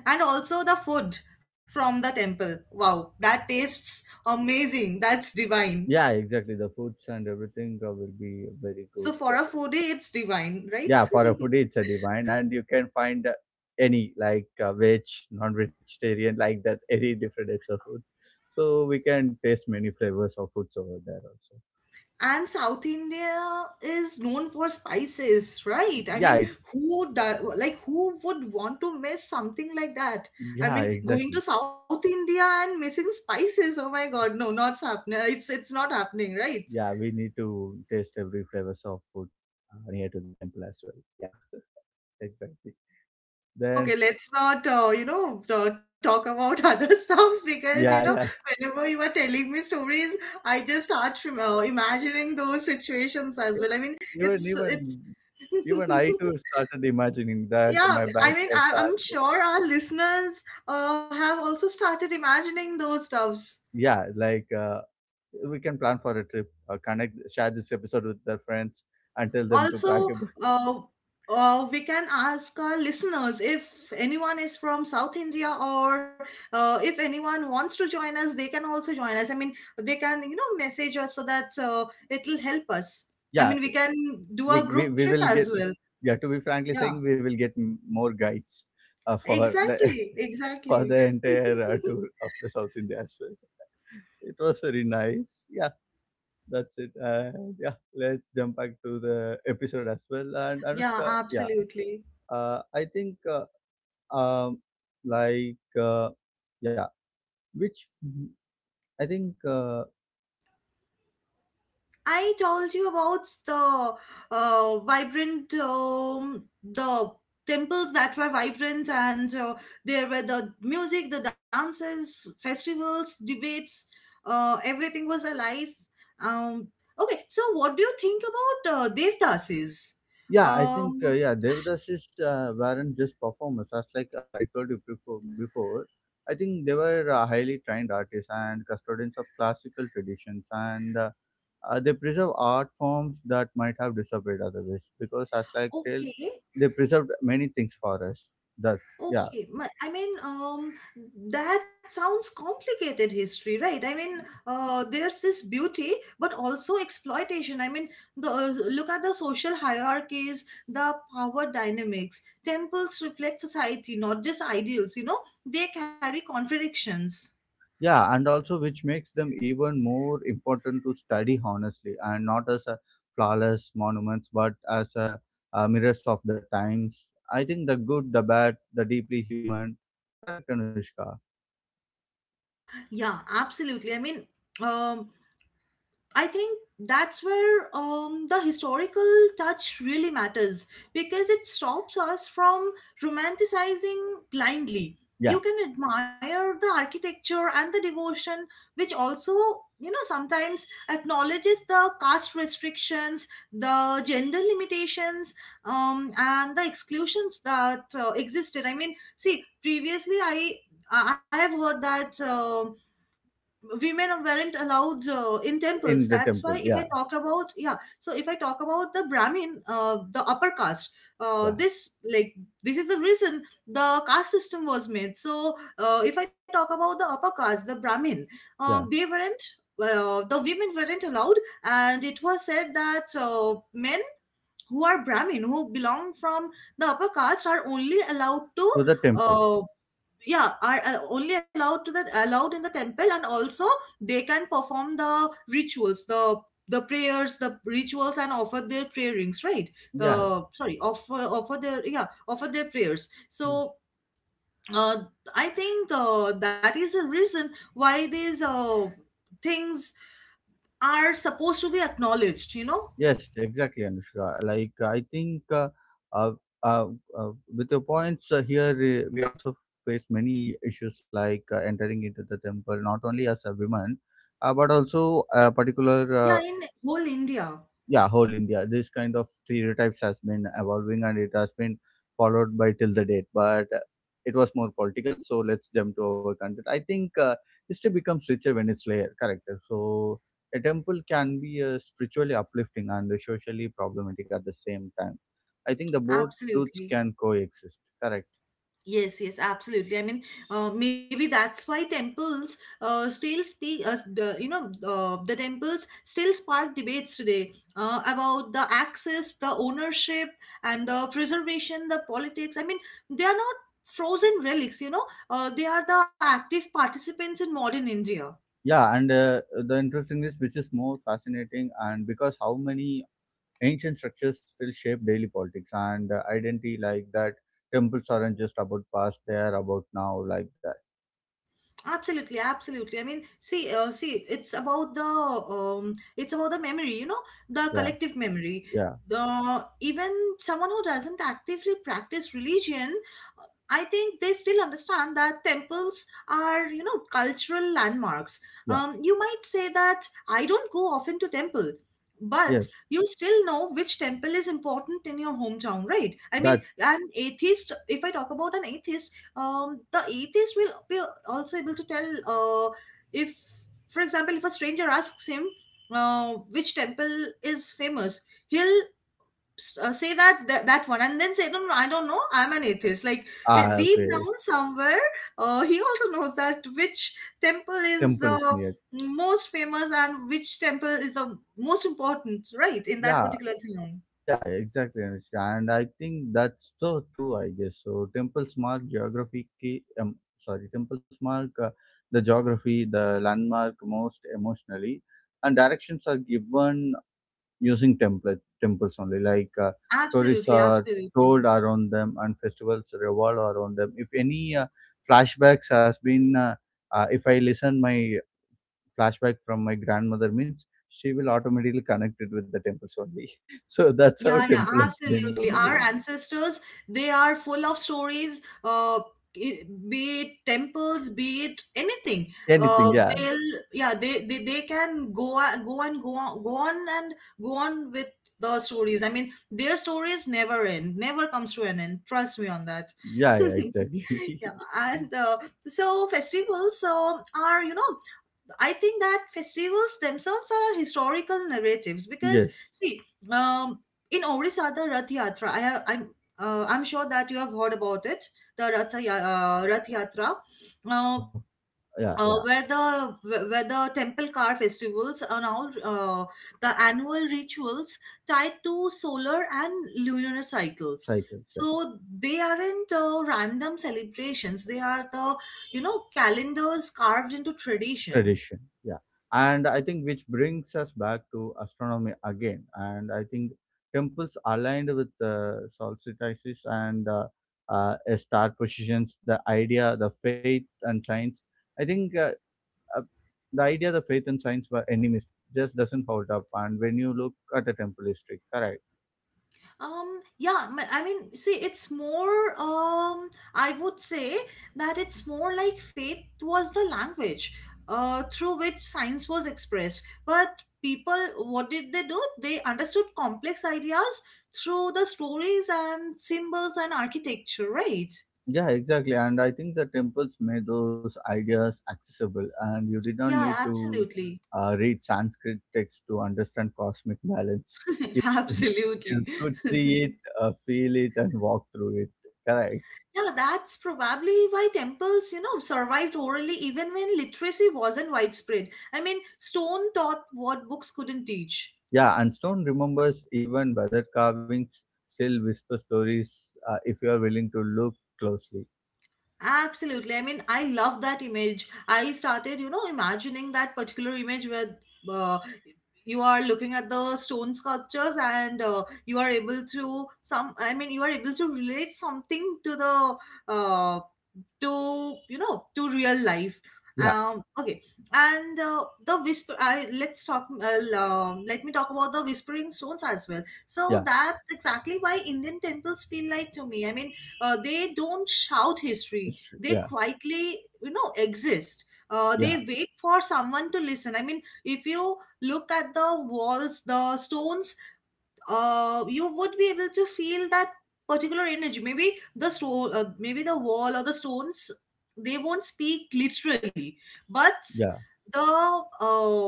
Speaker 2: and also the food from the temple. Wow, that tastes amazing. That's divine.
Speaker 1: yeah, exactly. The foods and everything will be very
Speaker 2: So
Speaker 1: good.
Speaker 2: for a foodie, it's divine, right?
Speaker 1: Yeah, for a foodie, it's a divine, and you can find any like veg, non-vegetarian, like that, any different types of foods. So we can taste many flavors of foods over there also.
Speaker 2: And South India is known for spices, right? I
Speaker 1: Yeah,
Speaker 2: mean, who do, like who would want to miss something like that? I
Speaker 1: yeah,
Speaker 2: mean, going
Speaker 1: exactly.
Speaker 2: to South India and missing spices. Oh my God, no, not happening. It's not happening, right?
Speaker 1: Yeah, we need to taste every flavors of food near to the temple as well. Yeah, exactly. Then
Speaker 2: Okay, let's not talk about other stuffs because
Speaker 1: yeah, yeah.
Speaker 2: whenever you are telling me stories, I just start from imagining those situations as well. I mean,
Speaker 1: Even
Speaker 2: it's
Speaker 1: even even I too started imagining that
Speaker 2: Yeah,
Speaker 1: my
Speaker 2: I
Speaker 1: bags
Speaker 2: mean,
Speaker 1: are
Speaker 2: I'm
Speaker 1: packed.
Speaker 2: sure our listeners have also started imagining those stuffs.
Speaker 1: Yeah, like we can plan for a trip, connect, share this episode with their friends and tell them to pack
Speaker 2: Also,
Speaker 1: it.
Speaker 2: uh, we can ask our listeners if anyone is from South India or if anyone wants to join us, they can also join us. I mean, they can, message us so that it'll help us. I
Speaker 1: Yeah,
Speaker 2: mean, we can do a
Speaker 1: we, we,
Speaker 2: group
Speaker 1: we
Speaker 2: trip
Speaker 1: will
Speaker 2: as
Speaker 1: get,
Speaker 2: well.
Speaker 1: yeah, to be frankly
Speaker 2: Yeah,
Speaker 1: saying, we will get more guides for the
Speaker 2: exactly,
Speaker 1: for
Speaker 2: exactly.
Speaker 1: the entire tour of the South India as well. It was very nice, yeah. That's it. And yeah, let's jump back to the episode as well. And
Speaker 2: Yeah,
Speaker 1: Anushka, yeah,
Speaker 2: absolutely.
Speaker 1: I think um like yeah which I think.
Speaker 2: I told you about the the temples that were vibrant, and there were the music, the dances, festivals, debates, everything was alive. Um, okay, so what do you think about Devdasis?
Speaker 1: Yeah, I think
Speaker 2: Um,
Speaker 1: yeah, Devadasis weren't just performers. As like I told you before. I think they were highly trained artists and custodians of classical traditions, and they preserve art forms that might have disappeared otherwise. Because as like tell,
Speaker 2: okay,
Speaker 1: they preserved many things for us. That's yeah.
Speaker 2: Okay, I mean, that sounds complicated history, right? I mean, there's this beauty, but also exploitation. I mean, the look at the social hierarchies, the power dynamics. Temples reflect society, not just ideals. You know, they carry contradictions.
Speaker 1: Yeah, and also which makes them even more important to study, honestly, and not as a flawless monuments, but as a mirrors of the times. I think the good, the bad, the deeply human. Correct, Anushka.
Speaker 2: Yeah, absolutely. I mean, um, I think that's where the historical touch really matters because it stops us from romanticizing blindly.
Speaker 1: Yeah,
Speaker 2: You can admire the architecture and the devotion, which also, sometimes acknowledges the caste restrictions, the gender limitations, and the exclusions that existed. I mean, see, previously I have heard that, women weren't allowed in temples.
Speaker 1: in the
Speaker 2: That's
Speaker 1: temple.
Speaker 2: why, if I
Speaker 1: Yeah,
Speaker 2: talk about yeah, so if I talk about the brahmin, the upper caste. uh,
Speaker 1: yeah,
Speaker 2: this like this is the reason the caste system was made. So if I talk about the upper caste, the brahmin, um, they
Speaker 1: yeah.
Speaker 2: weren't the women weren't allowed, and it was said that men who are brahmin, who belong from the upper caste, are only allowed to,
Speaker 1: To the temple.
Speaker 2: uh, yeah, are only allowed to, the allowed in the temple. And also, they can perform the rituals, the prayers, the rituals, and offer their prayerings, right?
Speaker 1: Yeah.
Speaker 2: Sorry Offer their, yeah, offer their prayers.
Speaker 1: Yes.
Speaker 2: So uh I think that is the reason why these things are supposed to be acknowledged, you know.
Speaker 1: Yes, exactly, Anushka. Like I think uh, uh, uh, with your points here, we also face many issues, like entering into the temple, not only as a woman, but also a particular
Speaker 2: Yeah, in whole India,
Speaker 1: yeah, whole India, this kind of stereotypes has been evolving, and it has been followed by till the date. But it was more political. So let's jump to our content. I think history becomes richer when it's layered, correct. So a temple can be spiritually uplifting and socially problematic at the same time. I think the both truths
Speaker 2: absolutely.
Speaker 1: can coexist, correct.
Speaker 2: Yes, yes, absolutely. I mean, maybe that's why temples still speak, the temples still spark debates today about the access, the ownership, and the preservation, the politics. I mean, they are not frozen relics, they are the active participants in modern India.
Speaker 1: Yeah, and the interesting is which is more fascinating, and because how many ancient structures still shape daily politics and identity, like that. Temples aren't just about past; they are about now, like that.
Speaker 2: Absolutely, absolutely. I mean, see, it's about the, it's about the memory, the
Speaker 1: Yeah,
Speaker 2: collective memory.
Speaker 1: yeah,
Speaker 2: The even someone who doesn't actively practice religion, uh, I think they still understand that temples are, cultural landmarks.
Speaker 1: yeah.
Speaker 2: You might say that I don't go often to temple, but
Speaker 1: Yes,
Speaker 2: you still know which temple is important in your hometown, right? I mean,
Speaker 1: that's
Speaker 2: an atheist, if I talk about an atheist, the atheist will be also able to tell, if, for example, if a stranger asks him which temple is famous, he'll, say that, that one, and then say no, no no, I don't know, I'm an atheist, like deep down
Speaker 1: okay.
Speaker 2: somewhere he also knows that which temple
Speaker 1: Temple
Speaker 2: is
Speaker 1: is
Speaker 2: the
Speaker 1: near.
Speaker 2: most famous and which temple is the most important, right, in that
Speaker 1: Yeah.
Speaker 2: particular town.
Speaker 1: Yeah, exactly, Anushka. And I think that's so true, I guess. So temples mark geography, key, sorry, temples mark the geography, the landmark most emotionally, and directions are given using template temples only. Like stories
Speaker 2: Absolutely,
Speaker 1: are
Speaker 2: absolutely.
Speaker 1: told around them, and festivals revolve around them. If any flashbacks has been, if I listen my flashback from my grandmother means she will automatically connect it with the temples only. So that's how
Speaker 2: Yeah, yeah,
Speaker 1: temple has been
Speaker 2: absolutely. Our
Speaker 1: evolving.
Speaker 2: ancestors, they are full of stories, i- be it temples, be it anything.
Speaker 1: Anything,
Speaker 2: Uh,
Speaker 1: yeah.
Speaker 2: they'll, yeah, they can go, go and go on, go on and go on with the stories. I mean, their stories never end, never comes to an end. Trust me on that.
Speaker 1: Yeah, yeah, exactly.
Speaker 2: Yeah, and so festivals are, I think that festivals themselves are historical narratives because
Speaker 1: Yes.
Speaker 2: see, um, in Orissa the Rath Yatra, I'm sure that you have heard about it, Rath Yatra, uh,
Speaker 1: Oh, yeah, yeah.
Speaker 2: where the temple car festivals, and all, the annual rituals tied to solar and lunar cycles.
Speaker 1: Cycles, yeah.
Speaker 2: So they aren't random celebrations; they are, the calendars carved into tradition.
Speaker 1: Tradition. Yeah. And I think which brings us back to astronomy again. And I think temples aligned with the solstices and star positions, the idea, the faith and science. I think uh, the idea, the faith and science were enemies just doesn't hold up, and when you look at a temple history, correct.
Speaker 2: Yeah, I mean, see, it's more, I would say that it's more like faith was the language through which science was expressed. But people, what did they do? They understood complex ideas through the stories and symbols and architecture, right?
Speaker 1: Yeah, exactly. And I think the temples made those ideas accessible, and you did not need
Speaker 2: Yeah,
Speaker 1: to
Speaker 2: absolutely.
Speaker 1: read Sanskrit text to understand cosmic balance. you,
Speaker 2: Absolutely.
Speaker 1: you could see it, feel it and walk through it, correct.
Speaker 2: Yeah, that's probably why temples, survived orally even when literacy wasn't widespread. I mean, stone taught what books couldn't teach.
Speaker 1: Yeah, and stone remembers, even weather carvings still whisper stories if you are willing to look closely.
Speaker 2: Absolutely. I mean, I love that image. I started, imagining that particular image where uh, you are looking at the stone sculptures, and you are able to some. I mean, you are able to relate something to the uh, to you know to real life.
Speaker 1: Yeah,
Speaker 2: Okay, and the whisper. I let's talk. Let me talk about the whispering stones as well. So
Speaker 1: yeah,
Speaker 2: that's exactly why Indian temples feel like to me. I mean, they don't shout history,
Speaker 1: it's true.
Speaker 2: they
Speaker 1: Yeah,
Speaker 2: quietly, exist.
Speaker 1: yeah.
Speaker 2: They wait for someone to listen. I mean, if you look at the walls, the stones, you would be able to feel that particular energy. Maybe the stone, maybe the wall, or the stones, they won't speak literally, but
Speaker 1: Yeah,
Speaker 2: the uh,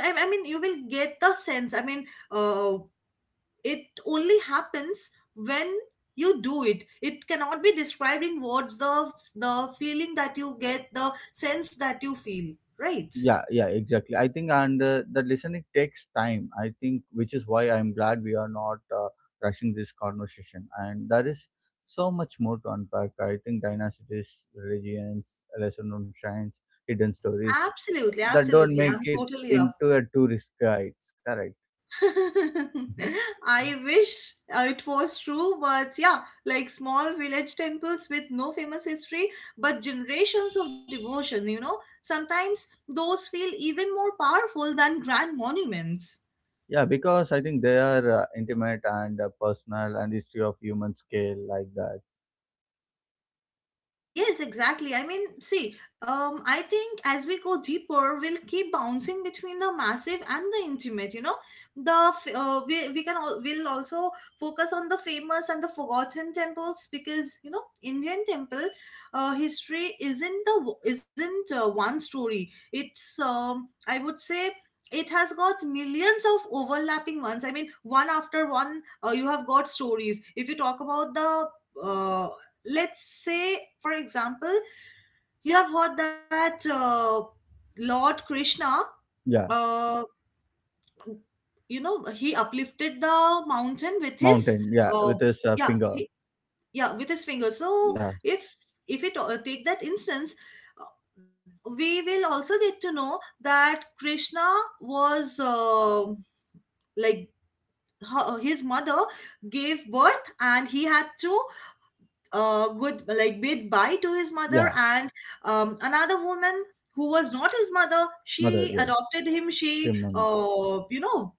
Speaker 2: I mean, you will get the sense. I mean, uh, it only happens when you do it. It cannot be described in words, the feeling that you get, the sense that you feel, right?
Speaker 1: yeah, yeah, exactly. I think, and the listening takes time. I think, which is why I'm glad we are not rushing this conversation. And there is so much more to unpack. I think dynasties, religions, lesser known shrines, hidden stories
Speaker 2: Absolutely,
Speaker 1: that don't
Speaker 2: absolutely.
Speaker 1: make
Speaker 2: I'm
Speaker 1: it
Speaker 2: totally up.
Speaker 1: into a tourist guide. Correct. Mhm.
Speaker 2: I wish it was true, but yeah, like small village temples with no famous history, but generations of devotion, you know, sometimes those feel even more powerful than grand monuments.
Speaker 1: Yeah, because I think they are intimate and personal, and history of human scale, like that.
Speaker 2: Yes, exactly. I mean, see, I think as we go deeper, we'll keep bouncing between the massive and the intimate. You know, the f- we can all, we'll also focus on the famous and the forgotten temples, because Indian temple history isn't one story. It's, I would say. It has got millions of overlapping ones. I mean, one after one, you have got stories. If you talk about the, uh, let's say for example, you have heard that, Lord Krishna,
Speaker 1: Yeah,
Speaker 2: uh, he uplifted the mountain with his,
Speaker 1: mountain. Yeah, with
Speaker 2: uh,
Speaker 1: his
Speaker 2: yeah,
Speaker 1: finger.
Speaker 2: yeah, with his finger. So
Speaker 1: Yeah,
Speaker 2: if if it take that instance, we will also get to know that Krishna was, like his mother gave birth, and he had to, good like bid bye to his mother,
Speaker 1: yeah.
Speaker 2: and another woman who was not his mother,
Speaker 1: Mother,
Speaker 2: she
Speaker 1: yeah.
Speaker 2: adopted him, she,
Speaker 1: Timon.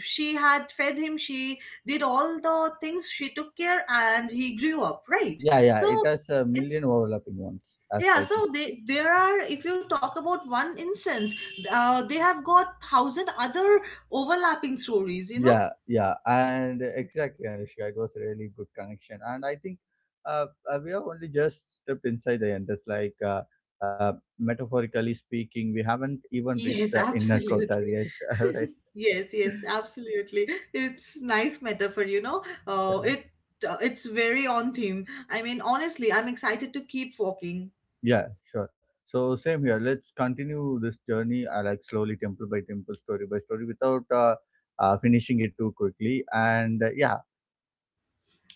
Speaker 2: she had fed him, she did all the things, she took care, and he grew up, right.
Speaker 1: Yeah, yeah,
Speaker 2: So
Speaker 1: it has a million
Speaker 2: it's
Speaker 1: overlapping ones. As
Speaker 2: yeah,
Speaker 1: like,
Speaker 2: so they there are, if you talk about one instance, they have got thousand other overlapping stories.
Speaker 1: yeah, yeah, and exactly, Anushka, it was a really good connection, and I think we have only just stepped inside the end. It's like, uh, metaphorically speaking, we haven't even reached
Speaker 2: Yes,
Speaker 1: the inner
Speaker 2: absolutely.
Speaker 1: quarter yet. Right?
Speaker 2: Yes, yes, absolutely. It's nice metaphor, you know. Uh,
Speaker 1: Yeah,
Speaker 2: it it's very on theme. I mean, honestly, I'm excited to keep walking.
Speaker 1: yeah, sure. So same here. Let's continue this journey, like slowly, temple by temple, story by story, without finishing it too quickly. And yeah.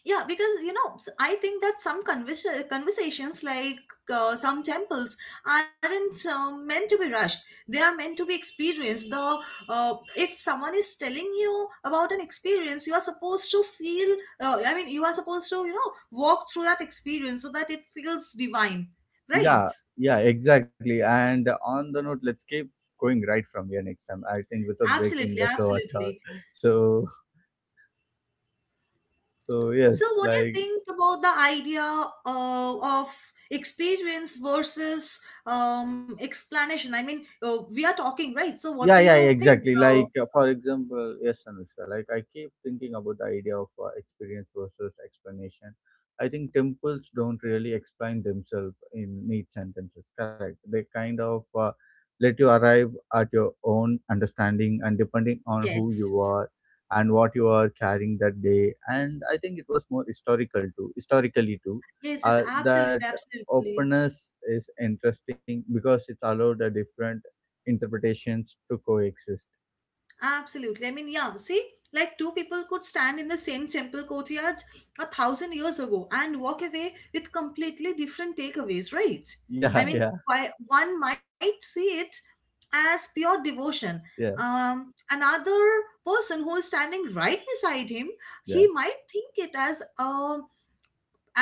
Speaker 2: Yeah, because, I think that some conversations, like, some temples aren't meant to be rushed. They are meant to be experienced. The If someone is telling you about an experience, you are supposed to feel. I mean, you are supposed to, walk through that experience so that it feels divine, right?
Speaker 1: Yeah, yeah, exactly. And on the note, let's keep going right from here next time. I think without breaking
Speaker 2: Absolutely,
Speaker 1: the flow at all.
Speaker 2: absolutely.
Speaker 1: So, so,
Speaker 2: So,
Speaker 1: yes,
Speaker 2: what do you
Speaker 1: like.
Speaker 2: think about the idea, uh, of experience versus, explanation? I mean, we are talking, right? So, what do
Speaker 1: Yeah, yeah,
Speaker 2: you
Speaker 1: yeah,
Speaker 2: think?
Speaker 1: exactly.
Speaker 2: Uh,
Speaker 1: Like for example, yes, Anushka. Like I keep thinking about the idea of experience versus explanation. I think temples don't really explain themselves in neat sentences. Correct. They kind of let you arrive at your own understanding, and depending on who
Speaker 2: yes,
Speaker 1: you are and what you are carrying that day. And I think it was more historical too. Historically too,
Speaker 2: yes, yes, absolutely,
Speaker 1: that
Speaker 2: absolutely.
Speaker 1: openness is interesting because it's allowed a different interpretations to coexist.
Speaker 2: Absolutely. I mean, yeah, see, like two people could stand in the same temple courtyard 1,000 years ago and walk away with completely different takeaways, right? I
Speaker 1: Yeah,
Speaker 2: mean,
Speaker 1: yeah,
Speaker 2: why one might see it as pure devotion.
Speaker 1: yeah,
Speaker 2: Another person who is standing right beside him, he
Speaker 1: yeah.
Speaker 2: might think it as a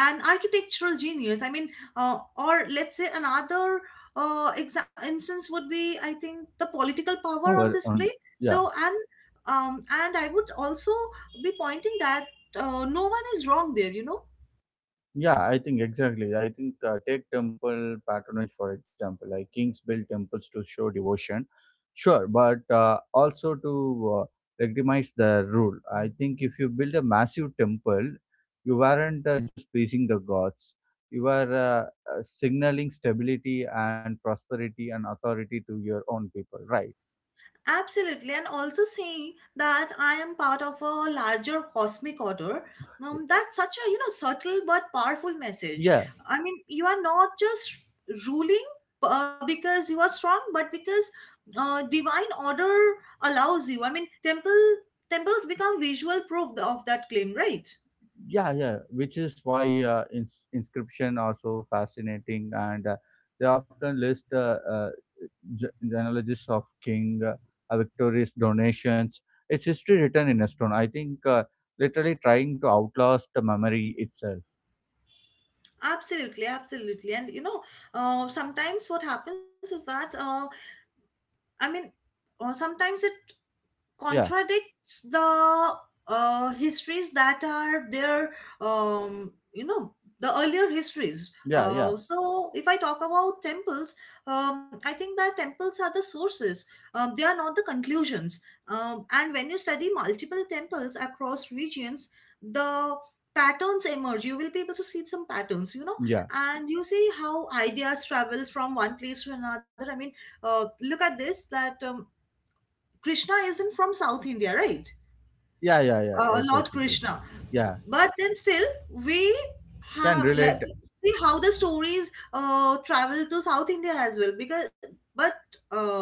Speaker 2: an architectural genius. I mean, or let's say another, instance would be, I think, the political power on
Speaker 1: Power
Speaker 2: display.
Speaker 1: on. Yeah,
Speaker 2: So, and I would also be pointing that, no one is wrong there, you know.
Speaker 1: yeah, I think exactly. I think take temple patronage, for example. Like kings built temples to show devotion, sure, but also to uh, recognize the rule. I think if you build a massive temple, you weren't just pleasing the gods, you are signaling stability and prosperity and authority to your own people, right?
Speaker 2: Absolutely, and also saying that I am part of a larger cosmic order. That's such a, subtle but powerful message.
Speaker 1: Yeah,
Speaker 2: I mean, you are not just ruling because you are strong, but because divine order allows you. I mean, temples become visual proof of that claim, right?
Speaker 1: yeah, yeah, which is why inscription are so fascinating, and they often list genealogies of king, victorious donations. It's history written in a stone. I think literally trying to outlast the memory itself.
Speaker 2: Absolutely, absolutely. And you know, sometimes what happens is that I mean, or sometimes it
Speaker 1: Yeah,
Speaker 2: contradicts the histories that are there. Um, you know, the earlier histories.
Speaker 1: yeah, yeah,
Speaker 2: So if I talk about temples, I think that temples are the sources. They are not the conclusions. And when you study multiple temples across regions, the patterns emerge. You will be able to see some patterns, you know,
Speaker 1: yeah,
Speaker 2: and you see how ideas travel from one place to another. Look at this that Krishna isn't from South India, right?
Speaker 1: yeah, yeah, yeah,
Speaker 2: Lord
Speaker 1: exactly, yeah,
Speaker 2: Krishna.
Speaker 1: yeah,
Speaker 2: But then still, we
Speaker 1: can
Speaker 2: have, like,
Speaker 1: relate,
Speaker 2: see how the stories travel to South India as well. Because but uh,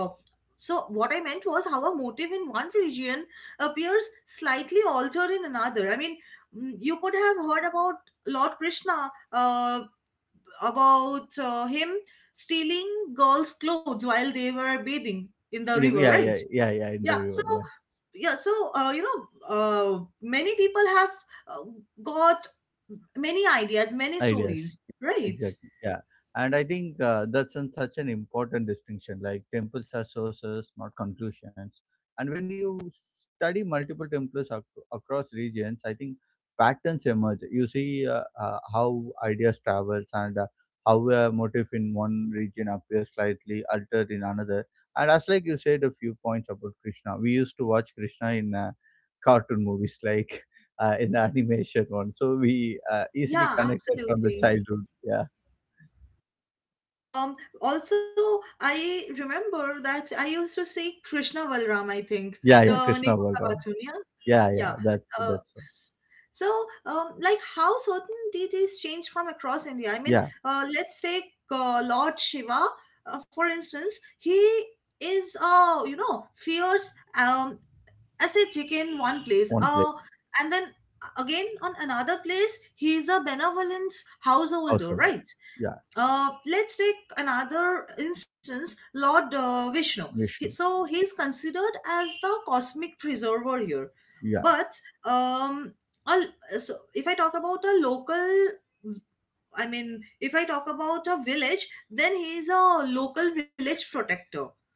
Speaker 2: so what I meant was how a motive in one region appears slightly altered in another. You could have heard about Lord Krishna, about him stealing girls' clothes while they were bathing in the
Speaker 1: yeah,
Speaker 2: river,
Speaker 1: yeah,
Speaker 2: right?
Speaker 1: yeah, yeah, yeah, in the
Speaker 2: Yeah, so
Speaker 1: river, yeah.
Speaker 2: yeah, so many people have uh, got many ideas, many
Speaker 1: Ideas.
Speaker 2: stories, right?
Speaker 1: Exactly. Yeah. And I think that's an, such an important distinction. Like temples are sources, not conclusions. And when you study multiple temples across regions, I think patterns emerge. You see how ideas travels, and how a motif in one region appears slightly altered in another. And as like you said a few points about Krishna, we used to watch Krishna in cartoon movies like in the animation one. So we easily
Speaker 2: Yeah,
Speaker 1: connected from the
Speaker 2: absolutely.
Speaker 1: childhood. Yeah,
Speaker 2: Um also I remember that I used to see Krishna Valram. I think
Speaker 1: yeah, yeah.
Speaker 2: the name
Speaker 1: Krishna
Speaker 2: of the
Speaker 1: Balram.
Speaker 2: cartoon, yeah?
Speaker 1: Yeah, yeah.
Speaker 2: Yeah. Uh,
Speaker 1: That's one.
Speaker 2: s- so, like how certain deities change from across India.
Speaker 1: Yeah.
Speaker 2: Let's take Lord Shiva, for instance. He is, you know, fierce, um, as a chicken one place.
Speaker 1: One place.
Speaker 2: And then again on another place, he's a benevolence householder,
Speaker 1: Householder.
Speaker 2: right?
Speaker 1: Yeah.
Speaker 2: Let's take another instance, Lord Vishnu. He,
Speaker 1: Vishnu.
Speaker 2: so he's considered as the cosmic preserver here.
Speaker 1: Yeah,
Speaker 2: But um, so if I talk about a local, I mean, if I talk about a village, then he's a local village protector.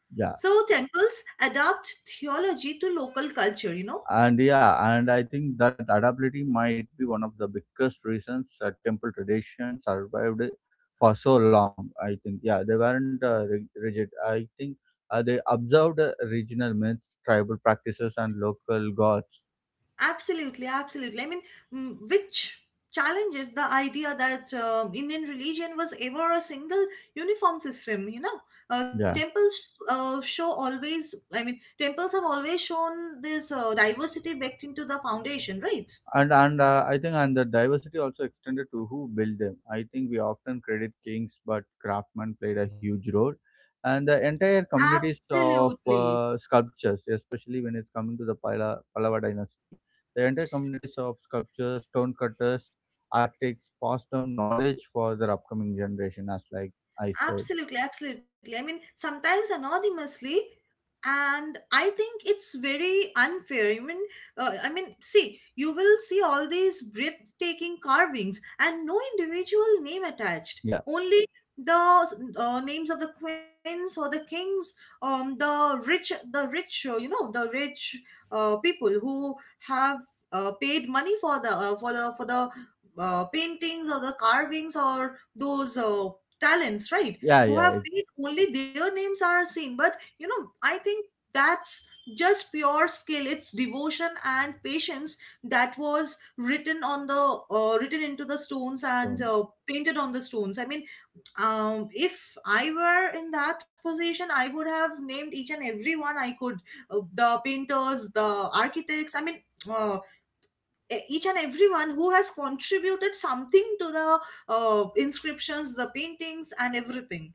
Speaker 1: yeah.
Speaker 2: So temples adapt theology to local culture, you know?
Speaker 1: And yeah, and I think that adaptability might be one of the biggest reasons temple tradition survived for so long. I think yeah, they weren't rigid. I think they observed regional myths, tribal practices, and local gods.
Speaker 2: Absolutely, absolutely. Which challenges the idea that Indian religion was ever a single uniform system, you know?
Speaker 1: Yeah,
Speaker 2: I mean, temples have always shown this diversity baked into the foundation, right?
Speaker 1: and I think and the diversity also extended to who built them. I think we often credit kings, but craftsmen played a huge role, and the entire communities of
Speaker 2: Absolutely.
Speaker 1: sculptures, especially when it's coming to the pallava dynasty, the entire communities of sculptures, stone cutters, architects passed down knowledge for their upcoming generation, as like I said.
Speaker 2: Absolutely, absolutely. I mean, sometimes anonymously, and I think it's very unfair. Even I mean, see, you will see all these breathtaking carvings and no individual name attached.
Speaker 1: Yeah,
Speaker 2: Only the names of the queens or the kings, the rich, the rich people who have paid money for the paintings or the carvings or those. Talents, right?
Speaker 1: yeah,
Speaker 2: Who
Speaker 1: yeah,
Speaker 2: have
Speaker 1: it's
Speaker 2: paid, only their names are seen. But you know, I think that's just pure skill. It's devotion and patience that was written on the written into the stones and
Speaker 1: stone.
Speaker 2: painted on the stones. If I were in that position, I would have named each and every one I could, the painters, the architects. Uh, each and everyone who has contributed something to the inscriptions, the paintings, and everything.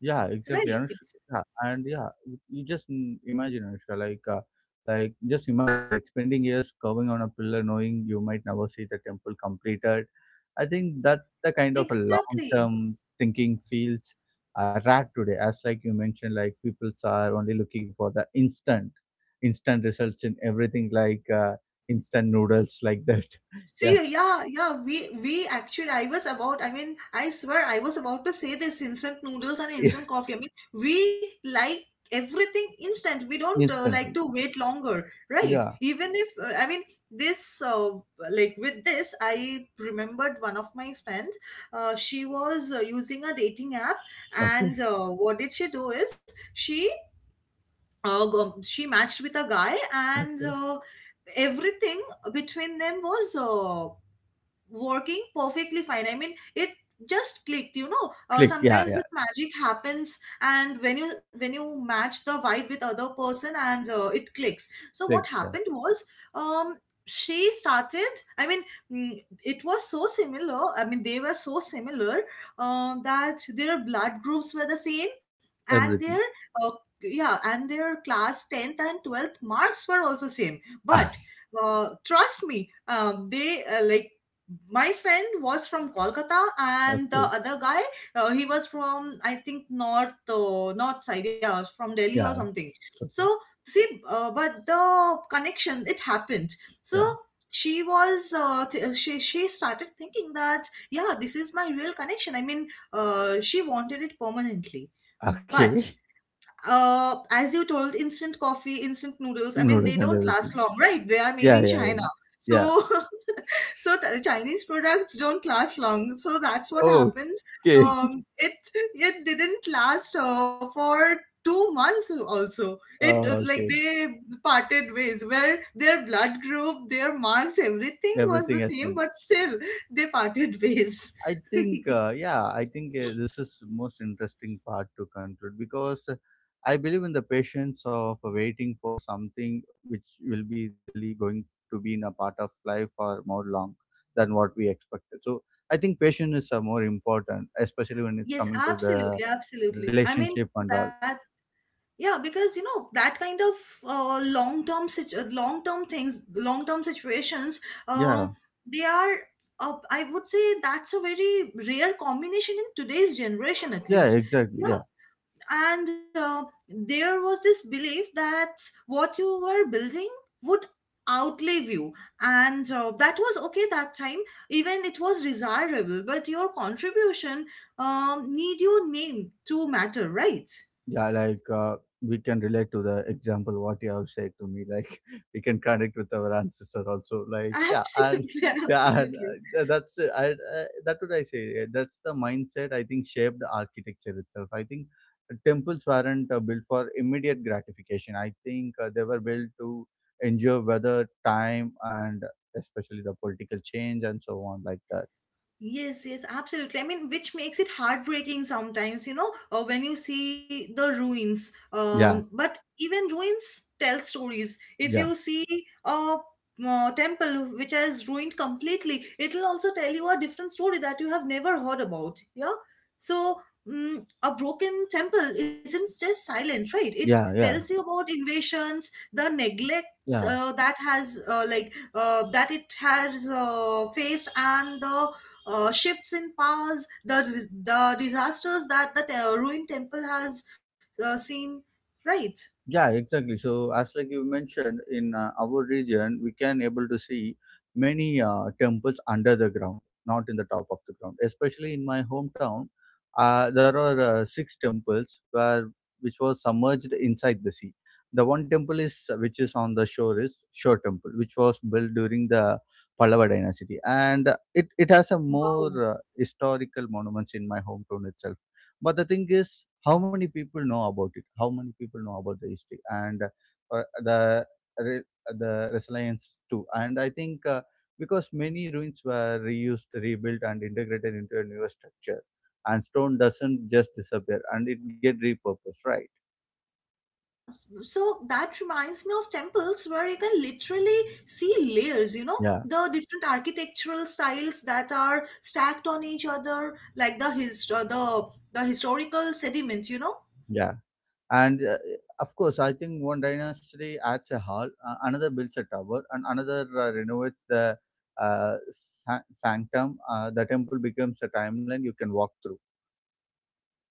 Speaker 1: Yeah, exactly,
Speaker 2: Right.
Speaker 1: Anushka. Yeah, and yeah, you just imagine, Anushka, like just imagine, like spending years carving on a pillar, knowing you might never see the temple completed. I think that the kind of a
Speaker 2: Exactly.
Speaker 1: long-term thinking feels a rat today, as like you mentioned, like people are only looking for the instant results in everything, like instant noodles, like that.
Speaker 2: See,
Speaker 1: Yeah,
Speaker 2: yeah, yeah, we actually, I was about, I mean, I swear I was about to say this, instant noodles and
Speaker 1: yeah,
Speaker 2: instant coffee. I mean, we like everything instant. We don't like to
Speaker 1: instantly.
Speaker 2: wait longer, right?
Speaker 1: Yeah.
Speaker 2: Even if I mean, this like with this, I remembered one of my friends. She was using a dating app, and
Speaker 1: Okay.
Speaker 2: what did she do is she matched with a guy, and
Speaker 1: Okay.
Speaker 2: everything between them was working perfectly fine. I mean, it just clicked, you know.
Speaker 1: Click. Yeah.
Speaker 2: Sometimes
Speaker 1: Yeah.
Speaker 2: this magic happens, and when you match the vibe with other person, and it clicks. So what
Speaker 1: Click. Yeah.
Speaker 2: happened was, um, she started. I mean, mm, it was so similar. I mean, they were so similar, that their blood groups were the same, and their
Speaker 1: Everything.
Speaker 2: uh, yeah, and their class 10th and 12th marks were also same. But trust me, they like, my friend was from Kolkata, and the
Speaker 1: Okay.
Speaker 2: other guy, he was from, I think, north, north side, yeah, from Delhi or
Speaker 1: Yeah.
Speaker 2: something. So
Speaker 1: Okay.
Speaker 2: see, but the connection, it happened. So
Speaker 1: Yeah.
Speaker 2: she was she started thinking that yeah, this is my real connection. I mean, she wanted it permanently, but.
Speaker 1: Okay.
Speaker 2: As you told, instant coffee, instant noodles. I mean, they
Speaker 1: Notice and
Speaker 2: don't
Speaker 1: everything.
Speaker 2: last long, right? They are made
Speaker 1: Yeah.
Speaker 2: in
Speaker 1: Yeah. Yeah.
Speaker 2: China. So
Speaker 1: Yeah.
Speaker 2: so Chinese products don't last long, so that's what
Speaker 1: Oh,
Speaker 2: happens.
Speaker 1: okay.
Speaker 2: Um, it didn't last for 2 months also. It like,
Speaker 1: Okay.
Speaker 2: they parted ways where their blood group, their marks, everything was
Speaker 1: Everything
Speaker 2: the
Speaker 1: has
Speaker 2: same,
Speaker 1: been.
Speaker 2: but still they parted ways.
Speaker 1: I think. Yeah. I think this is most interesting part to conclude, because I believe in the patience of waiting for something which will be really going to be in a part of life for more long than what we expected. So I think patience is more important, especially when it's
Speaker 2: Yes,
Speaker 1: coming to the
Speaker 2: absolutely, absolutely. I mean
Speaker 1: relationship and all.
Speaker 2: that Yeah, because you know that kind of long term things, long term situations, um,
Speaker 1: Yeah.
Speaker 2: they are. I would say that's a very rare combination in today's generation, at
Speaker 1: Yeah,
Speaker 2: least.
Speaker 1: exactly. Yeah.
Speaker 2: Yeah, and there was this belief that what you were building would outlive you, and that was okay that time. Even it was desirable, but your contribution need your name to matter, right?
Speaker 1: Yeah, like we can relate to the example what you have said to me. Like we can connect with our ancestor also. Like yeah, and
Speaker 2: Absolutely,
Speaker 1: yeah, and,
Speaker 2: absolutely.
Speaker 1: that's I, that would I say. That's the mindset I think shaped architecture itself. I think temples weren't built for immediate gratification. I think they were built to endure weather, time, and especially the political change and so on like that.
Speaker 2: Yes, yes, absolutely. I mean, which makes it heartbreaking sometimes, you know, when you see the ruins.
Speaker 1: Yeah,
Speaker 2: But even ruins tell stories. If
Speaker 1: yeah,
Speaker 2: you see a temple which has ruined completely, it will also tell you a different story that you have never heard about. Yeah. So, a broken temple isn't just silent, right? It
Speaker 1: yeah,
Speaker 2: tells
Speaker 1: yeah,
Speaker 2: you about invasions, the neglects.
Speaker 1: yeah.
Speaker 2: Uh, that has uh, like that it has faced, and the shifts in powers, the disasters that ruined temple has seen. Right.
Speaker 1: Yeah, exactly. So as like you mentioned, in our region, we can able to see many temples under the ground, not in the top of the ground. Especially in my hometown, there are 6 temples where which was submerged inside the sea. The one temple is which is on the shore is Shore Temple, which was built during the Pallava dynasty, and it has a more
Speaker 2: Wow.
Speaker 1: historical monuments in my hometown itself. But the thing is, how many people know about it? How many people know about the history and uh, the re- the resilience too? And I think because many ruins were reused, rebuilt, and integrated into a newer structure, and stone doesn't just disappear, and it get repurposed, right?
Speaker 2: So that reminds me of temples where you can literally see layers, you know,
Speaker 1: Yeah,
Speaker 2: the different architectural styles that are stacked on each other, like the historical sediments, you know.
Speaker 1: yeah. And of course, I think one dynasty adds a hall, another builds a tower, and another renovates the sanctum. The temple becomes a timeline you can walk through.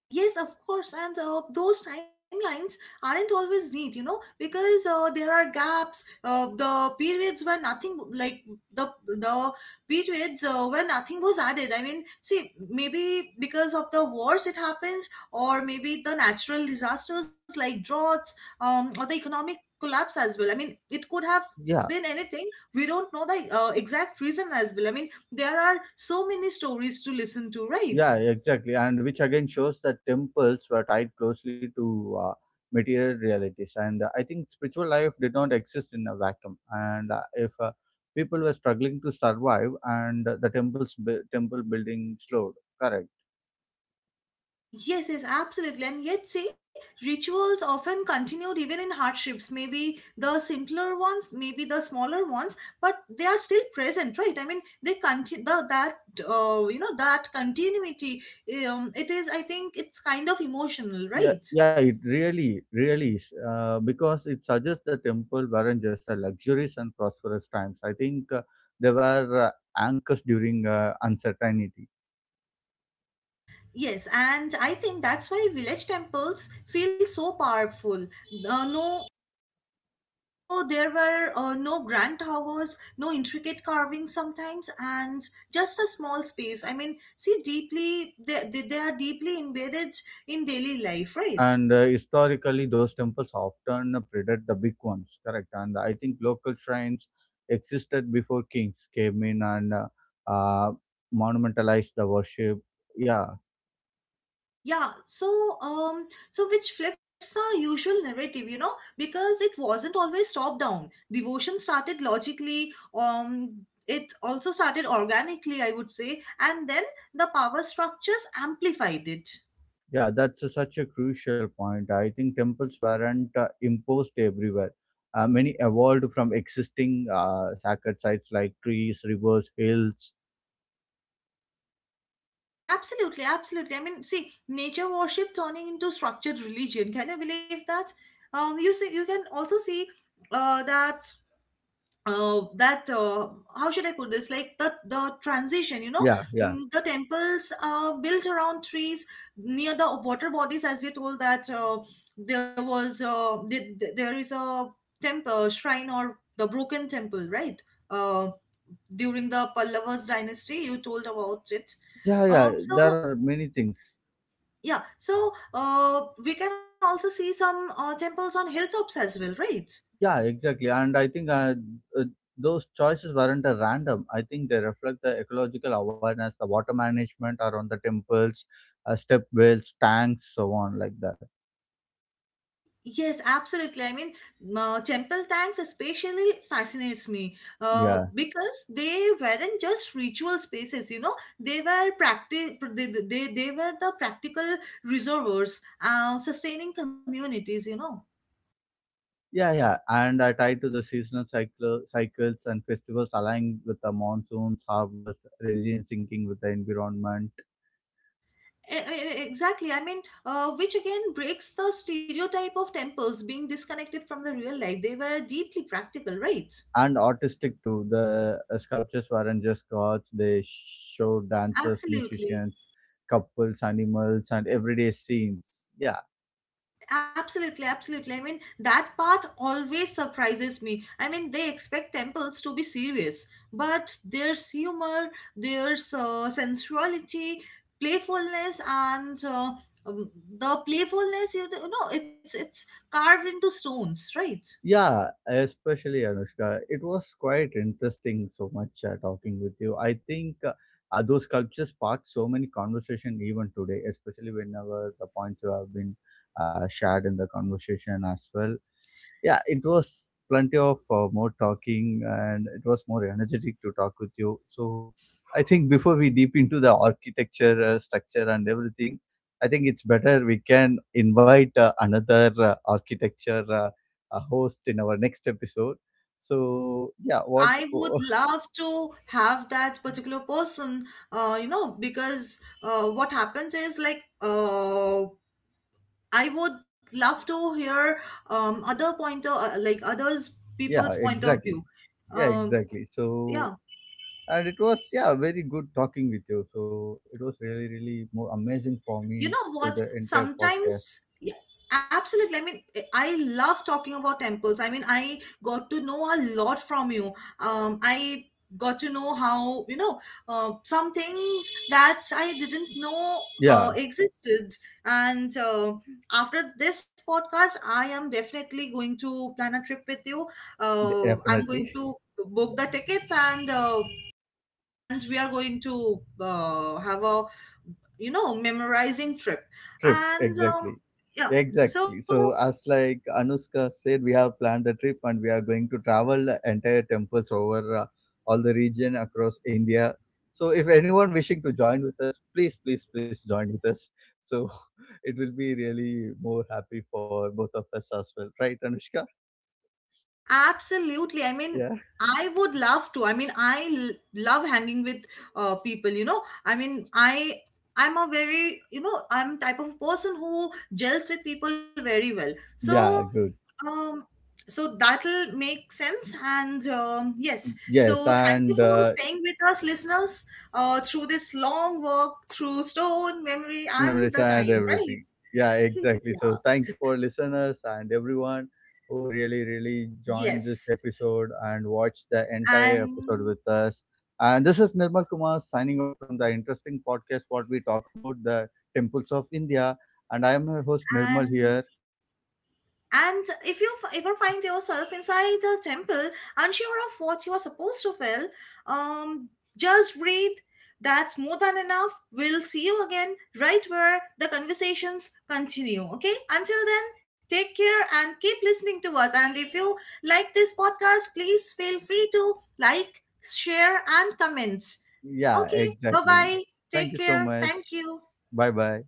Speaker 2: Yes, of course, and those timelines aren't always neat, you know, because there are gaps. The periods where nothing like the periods where nothing was added. I mean, see, maybe because of the wars it happens, or maybe the natural disasters like droughts, or the economic collapse as well. I mean, it could have
Speaker 1: Yeah,
Speaker 2: been anything. We don't know the exact reason as well. I mean, there are so many stories to listen to, right?
Speaker 1: yeah, exactly. And which again shows that temples were tied closely to material realities. And I think spiritual life did not exist in a vacuum. And if people were struggling to survive, and temple building slowed, correct.
Speaker 2: Yes, yes, absolutely. And yet, see, rituals often continued even in hardships. Maybe the simpler ones, maybe the smaller ones, but they are still present, right? I mean, they continue that you know, that continuity. It is, I think, it's kind of emotional,
Speaker 1: Yeah,
Speaker 2: right?
Speaker 1: yeah, it really, really is, because it suggests the temple weren't just a luxurious and prosperous times. I think they were anchors during uncertainty.
Speaker 2: Yes, and I think that's why village temples feel so powerful. No, so there were no grand towers, no intricate carvings sometimes, and just a small space. I mean, see, deeply they, they are deeply embedded in daily life, right?
Speaker 1: And historically, those temples often predate the big ones, correct? And I think local shrines existed before kings came in and uh, monumentalized the worship. Yeah,
Speaker 2: Yeah, so um which flips the usual narrative, you know, because it wasn't always top down. Devotion started logically, um, it also started organically, I would say, and then the power structures amplified it.
Speaker 1: yeah, such a crucial point. I think temples weren't imposed everywhere. Many evolved from existing sacred sites like trees, rivers, hills.
Speaker 2: Absolutely, absolutely. I mean, see, nature worship turning into structured religion. Can you believe that? You see, you can also see that that how should I put this? Like, the transition, you know,
Speaker 1: Yeah, yeah,
Speaker 2: The temples built around trees near the water bodies, as you told, that there was th- th- there is a temple shrine or the broken temple, right? Uh, During the Pallavas dynasty, you told about it.
Speaker 1: yeah, yeah.
Speaker 2: So
Speaker 1: There are many things.
Speaker 2: yeah, so we can also see some temples on hilltops as well, right?
Speaker 1: Yeah, exactly. And I think uh, those choices weren't random. I think they reflect the ecological awareness, the water management around the temples, step wells, tanks, so on, like that.
Speaker 2: Yes, absolutely. I mean, temple tanks especially fascinates me
Speaker 1: Yeah.
Speaker 2: because they weren't just ritual spaces, you know, they were they were the practical reservoirs, sustaining communities, you know.
Speaker 1: Yeah, yeah, and I tied to the cycles and festivals aligned with the monsoons, harvest, religion syncing with the environment,
Speaker 2: Exactly. I mean, which again breaks the stereotype of temples being disconnected from the real life. They were deeply practical, right?
Speaker 1: and artistic too. The sculptures weren't just gods; they showed dancers,
Speaker 2: Absolutely.
Speaker 1: musicians, couples, animals, and everyday scenes. Yeah.
Speaker 2: Absolutely, absolutely. I mean, that part always surprises me. I mean, they expect temples to be serious, but there's humor, there's sensuality, playfulness, and um, the playfulness. You know, it's carved into stones, right?
Speaker 1: Yeah, especially Anushka. It was quite interesting so much talking with you. I think those sculptures spark so many conversation even today, especially whenever the points have been shared in the conversation as well. Yeah, it was plenty of more talking, and it was more energetic to talk with you. So I think before we deep into the architecture, structure and everything, I think it's better we can invite another architecture host in our next episode. So yeah, what?
Speaker 2: I would love to have that particular person, you know, because what happens is like I would love to hear other pointer, like others people's
Speaker 1: Yeah,
Speaker 2: point of view.
Speaker 1: exactly. Yeah,
Speaker 2: Um,
Speaker 1: exactly.
Speaker 2: yeah.
Speaker 1: So and it was yeah very good talking with you. So it was really really more amazing for
Speaker 2: You
Speaker 1: me
Speaker 2: know
Speaker 1: to
Speaker 2: what?
Speaker 1: the entire podcast.
Speaker 2: Sometimes, yeah, absolutely. I mean, I love talking about temples. I mean, I got to know a lot from you. I got to know how, you know, some things that I didn't know
Speaker 1: Yeah.
Speaker 2: existed. And after this podcast, I am definitely going to plan a trip with you.
Speaker 1: D-
Speaker 2: I'm going
Speaker 1: Definitely.
Speaker 2: to book the tickets and and we are going to have a, you know, memorizing trip
Speaker 1: Trip,
Speaker 2: and
Speaker 1: exactly.
Speaker 2: yeah,
Speaker 1: Exactly.
Speaker 2: so
Speaker 1: So, as like Anuska said, we have planned a trip, and we are going to travel the entire temples over all the region across India. So, if anyone wishing to join with us, please, please, please join with us. So, it will be really more happy for both of us as well, right, Anushka?
Speaker 2: absolutely.
Speaker 1: Yeah.
Speaker 2: I would love to. I mean, love hanging with people, you know. I'm a very, you know, I'm type of person who gels with people very well, so
Speaker 1: Yeah, good.
Speaker 2: um, so that'll make sense. And yes, so
Speaker 1: Yes,
Speaker 2: thank you
Speaker 1: and
Speaker 2: for staying with us, listeners, through this long walk through stone, memory, and
Speaker 1: memories
Speaker 2: the
Speaker 1: and
Speaker 2: time,
Speaker 1: everything.
Speaker 2: right?
Speaker 1: Yeah, exactly. So
Speaker 2: Yeah.
Speaker 1: thank you for listeners and everyone who really, really joined this
Speaker 2: Yes.
Speaker 1: episode and watched the entire episode
Speaker 2: And
Speaker 1: with us. And this is Nirmal Kumar signing off from the interesting podcast what we talk about the temples of India. And I am your host Nirmal
Speaker 2: and
Speaker 1: here.
Speaker 2: And if you ever find yourself inside the temple, unsure of what you are supposed to feel, um, just breathe. That's more than enough. We'll see you again right where the conversations continue. Okay? Until then, take care and keep listening to us. And if you like this podcast, please feel free to like, share, and comment.
Speaker 1: Yeah,
Speaker 2: Okay? Bye
Speaker 1: exactly.
Speaker 2: bye.
Speaker 1: Thank
Speaker 2: Take
Speaker 1: you so
Speaker 2: care.
Speaker 1: much.
Speaker 2: Thank you.
Speaker 1: Bye bye.